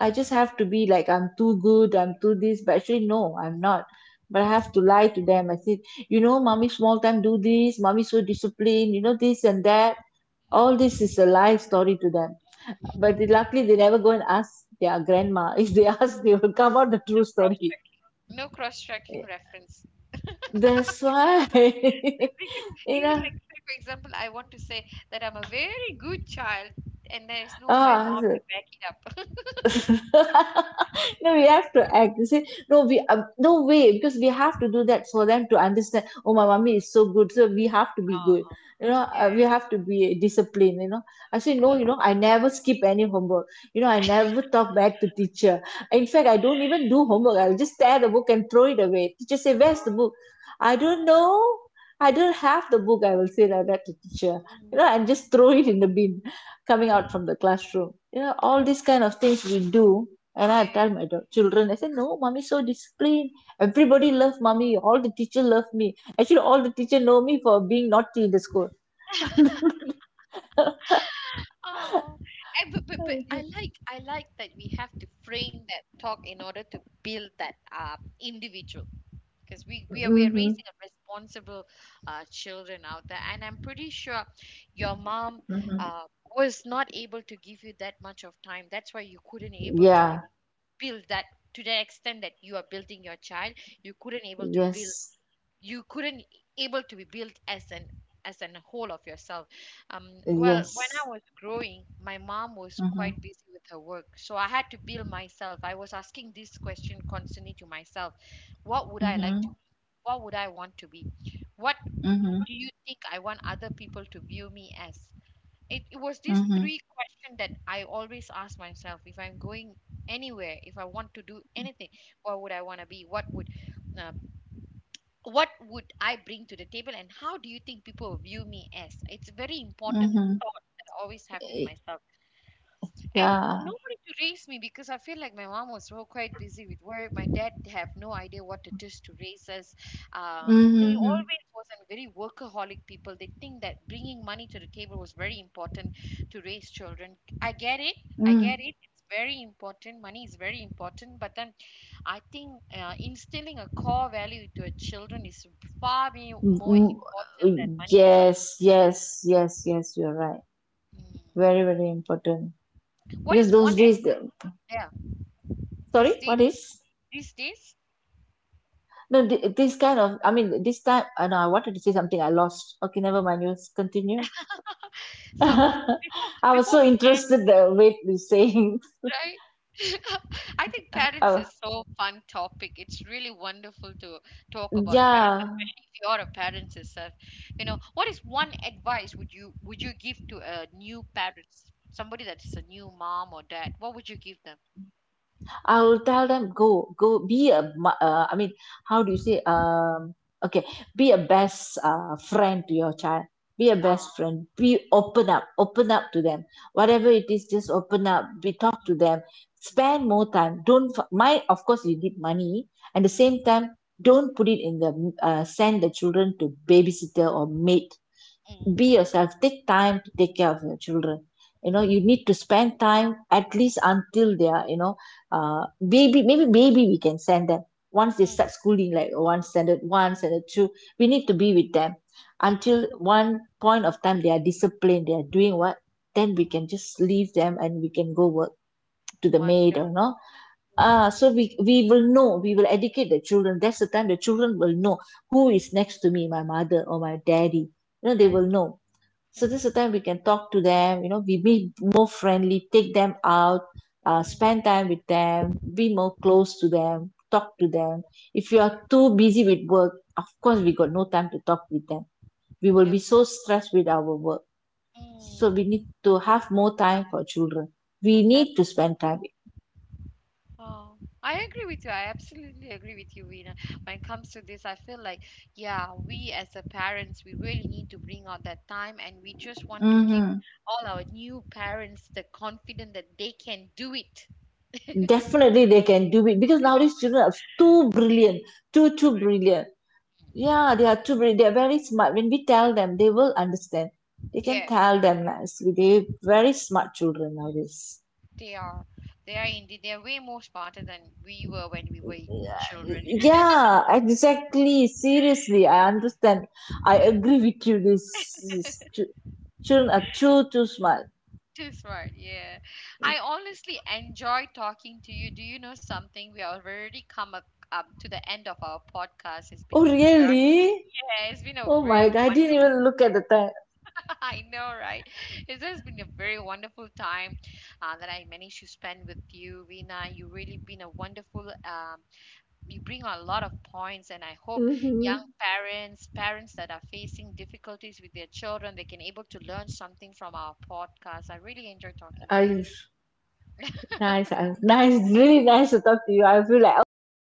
B: I
A: mm,
B: just have to be like, I'm too good, I'm too this, but actually, no, I'm not. But I have to lie to them. I said, you know, mommy small time do this, mommy so disciplined, you know, this and that. All
A: mm.
B: this is a lie story to them. But luckily, they never go and ask their grandma. If they ask, they will come out the true
A: No cross
B: story.
A: checking. No cross checking reference.
B: That's why,
A: Because
B: you
A: even
B: know.
A: like say for example, I want to say that I'm a very good child and there is no my
B: Ah,
A: mom
B: so
A: to back it up.
B: no, we have to act. You see, no, we no way because we have to do that for them to understand. Oh, my mommy is so good, so we have to be good.
A: Oh,
B: You know,
A: yeah.
B: we have to be disciplined. You know, I say no. You
A: Mm.
B: know, I never skip any homework. You know, I never talk back to teacher. In fact, I don't even do homework. I'll just tear the book and throw it away. Teacher say, "Where's the
A: Oh,
B: book?" I don't
A: oh,
B: know. I don't have the book. I will say like that to teacher. You
A: Mm,
B: know, and just
A: mm,
B: throw it in the bin, coming out
A: mm.
B: from the classroom. You know, all these
A: Oh,
B: kind of things we do. And I tell
A: yeah.
B: my children, I say, no, mommy so disciplined, everybody love mommy, all the teacher love me. Actually, all the teacher know me for being naughty in the school.
A: Oh, and but
B: Mm-hmm.
A: I like that we have to frame that talk in order to build that individual. Because we are raising a responsible children out there, and I'm pretty sure your mom,
B: Mm-hmm.
A: uh, was not able to give you that much of time. That's why you couldn't able to be
B: Yeah,
A: build that to the extent that you are building your child. You couldn't able to build,
B: yes,
A: you couldn't able to be built as an whole of yourself. um well, when
B: yes.
A: I was growing, my mom was
B: Mm-hmm.
A: quite busy with her work, so I had to build myself. I was asking this question constantly to myself: what would I like
B: Mm-hmm.
A: to be, what would I want to be, what
B: Mm-hmm.
A: do you think I want other people to view me as? It was these
B: Mm-hmm.
A: three questions that I always ask myself. If I'm going anywhere, if I want to do anything, what would I want to be, what would, um, what would I bring to the table, and how do you think people will view me as? It's a very important
B: Mm-hmm.
A: thought that I always have in myself, and
B: Yeah.
A: nobody to raise me, because I feel like my mom was so quite busy with work. My dad have no idea what it is to raise us. Uh, they
B: Mm-hmm.
A: always was a very workaholic people. They think that bringing money to the table was very important to raise children. I get it. I get
B: Mm.
A: it. It's very important. Money is very important. But then I think instilling a core value to a children is more
B: Mm,
A: important than money itself.
B: yes, yes, yes, yes, you're right.
A: Mm.
B: Very, very important,
A: What
B: because
A: is one
B: those days—
A: advice? Yeah, these
B: sorry, what
A: days,
B: is?
A: these days.
B: No, this kind of, I mean, this time, I know I wanted to say something, I lost. Okay, never mind, you continue.
A: So
B: I
A: before
B: was
A: before
B: so
A: we end,
B: interested the way you're saying.
A: right? I think parents
B: Oh,
A: is so fun topic. It's really wonderful to talk about parents,
B: yeah.
A: especially if you're a parent yourself. You know, what is one advice would you give to a new parents, somebody that is a new mom or dad? What would you give them?
B: I will tell them, go be a I mean, how do you say, okay, be a best friend to your child. Be a best
A: Ah,
B: friend, be open up, open up to them, whatever
A: mm,
B: it is, just open up, be talk
A: mm,
B: to them,
A: mm,
B: spend more time, don't my, of course you need money at the same
A: mm,
B: time, don't put it in the send the children to babysitter or maid.
A: mm,
B: Be yourself, take time to take care of your children. You know, you need to spend time at least until they are, you know, baby, maybe baby we can send them. Once they
A: mm, mm, mm,
B: start schooling, like one standard, one standard two, we need to be with them
A: mm,
B: until
A: mm.
B: one point of time they are disciplined, they are doing what, then we
A: Mm.
B: can just leave them and we can go work, to the maid
A: Wonderful,
B: or no. Ah, so we will know, we will educate the children. That's the time the children will know who is next to me, my mother or my daddy. You know, they
A: right?
B: will know. So
A: Yeah.
B: this is the time we can talk to them, you know, we be more friendly, take them out,
A: Mm,
B: spend time with them, be more
A: mm,
B: close to them, talk to
A: right.
B: them. If you are too busy with work, of course
A: Mm.
B: we got no time to talk with them. We will be
A: Abs-,
B: so stressed with our work. So
A: mm.
B: we need to have more time for children. We need to spend time.
A: Oh, I agree with you. I absolutely agree with you, Vina. When it comes to this, I feel like, yeah, we as a parents, we really need to bring out that time, and we just want to give
B: Hmm,
A: all our new parents the confidence that they can do it.
B: definitely they can do it, because nowadays children are too brilliant, too,
A: To
B: too
A: prevent.
B: brilliant. Yeah, they are too they are very smart. When we tell them, they will understand. They can
A: Yes,
B: tell them nicely. They very smart children
A: mm,
B: nowadays.
A: they are. They are indeed. They are way more smarter than we were when we were children.
B: Yeah, exactly. Seriously, I understand. I
A: Yeah.
B: agree with you. These children are too too smart.
A: Too smart, yeah. I honestly enjoy talking to you. Do you know something? We already come up, up to the end of our podcast. It's
B: Oh
A: been a very,
B: really?
A: yeah, it's been a
B: Oh
A: very
B: my God! I didn't
A: wonderful.
B: even look at the time.
A: I know, right? It has been a very wonderful time that I managed to spend with you, Vina. You really been a wonderful. You bring a lot of points, and I hope young
B: Mm-hmm.
A: parents, parents that are facing difficulties with their children, they can able to learn something from our podcast. I really enjoy talking to you.
B: I nice. Nice. Really nice to talk to you. I feel like oh, it's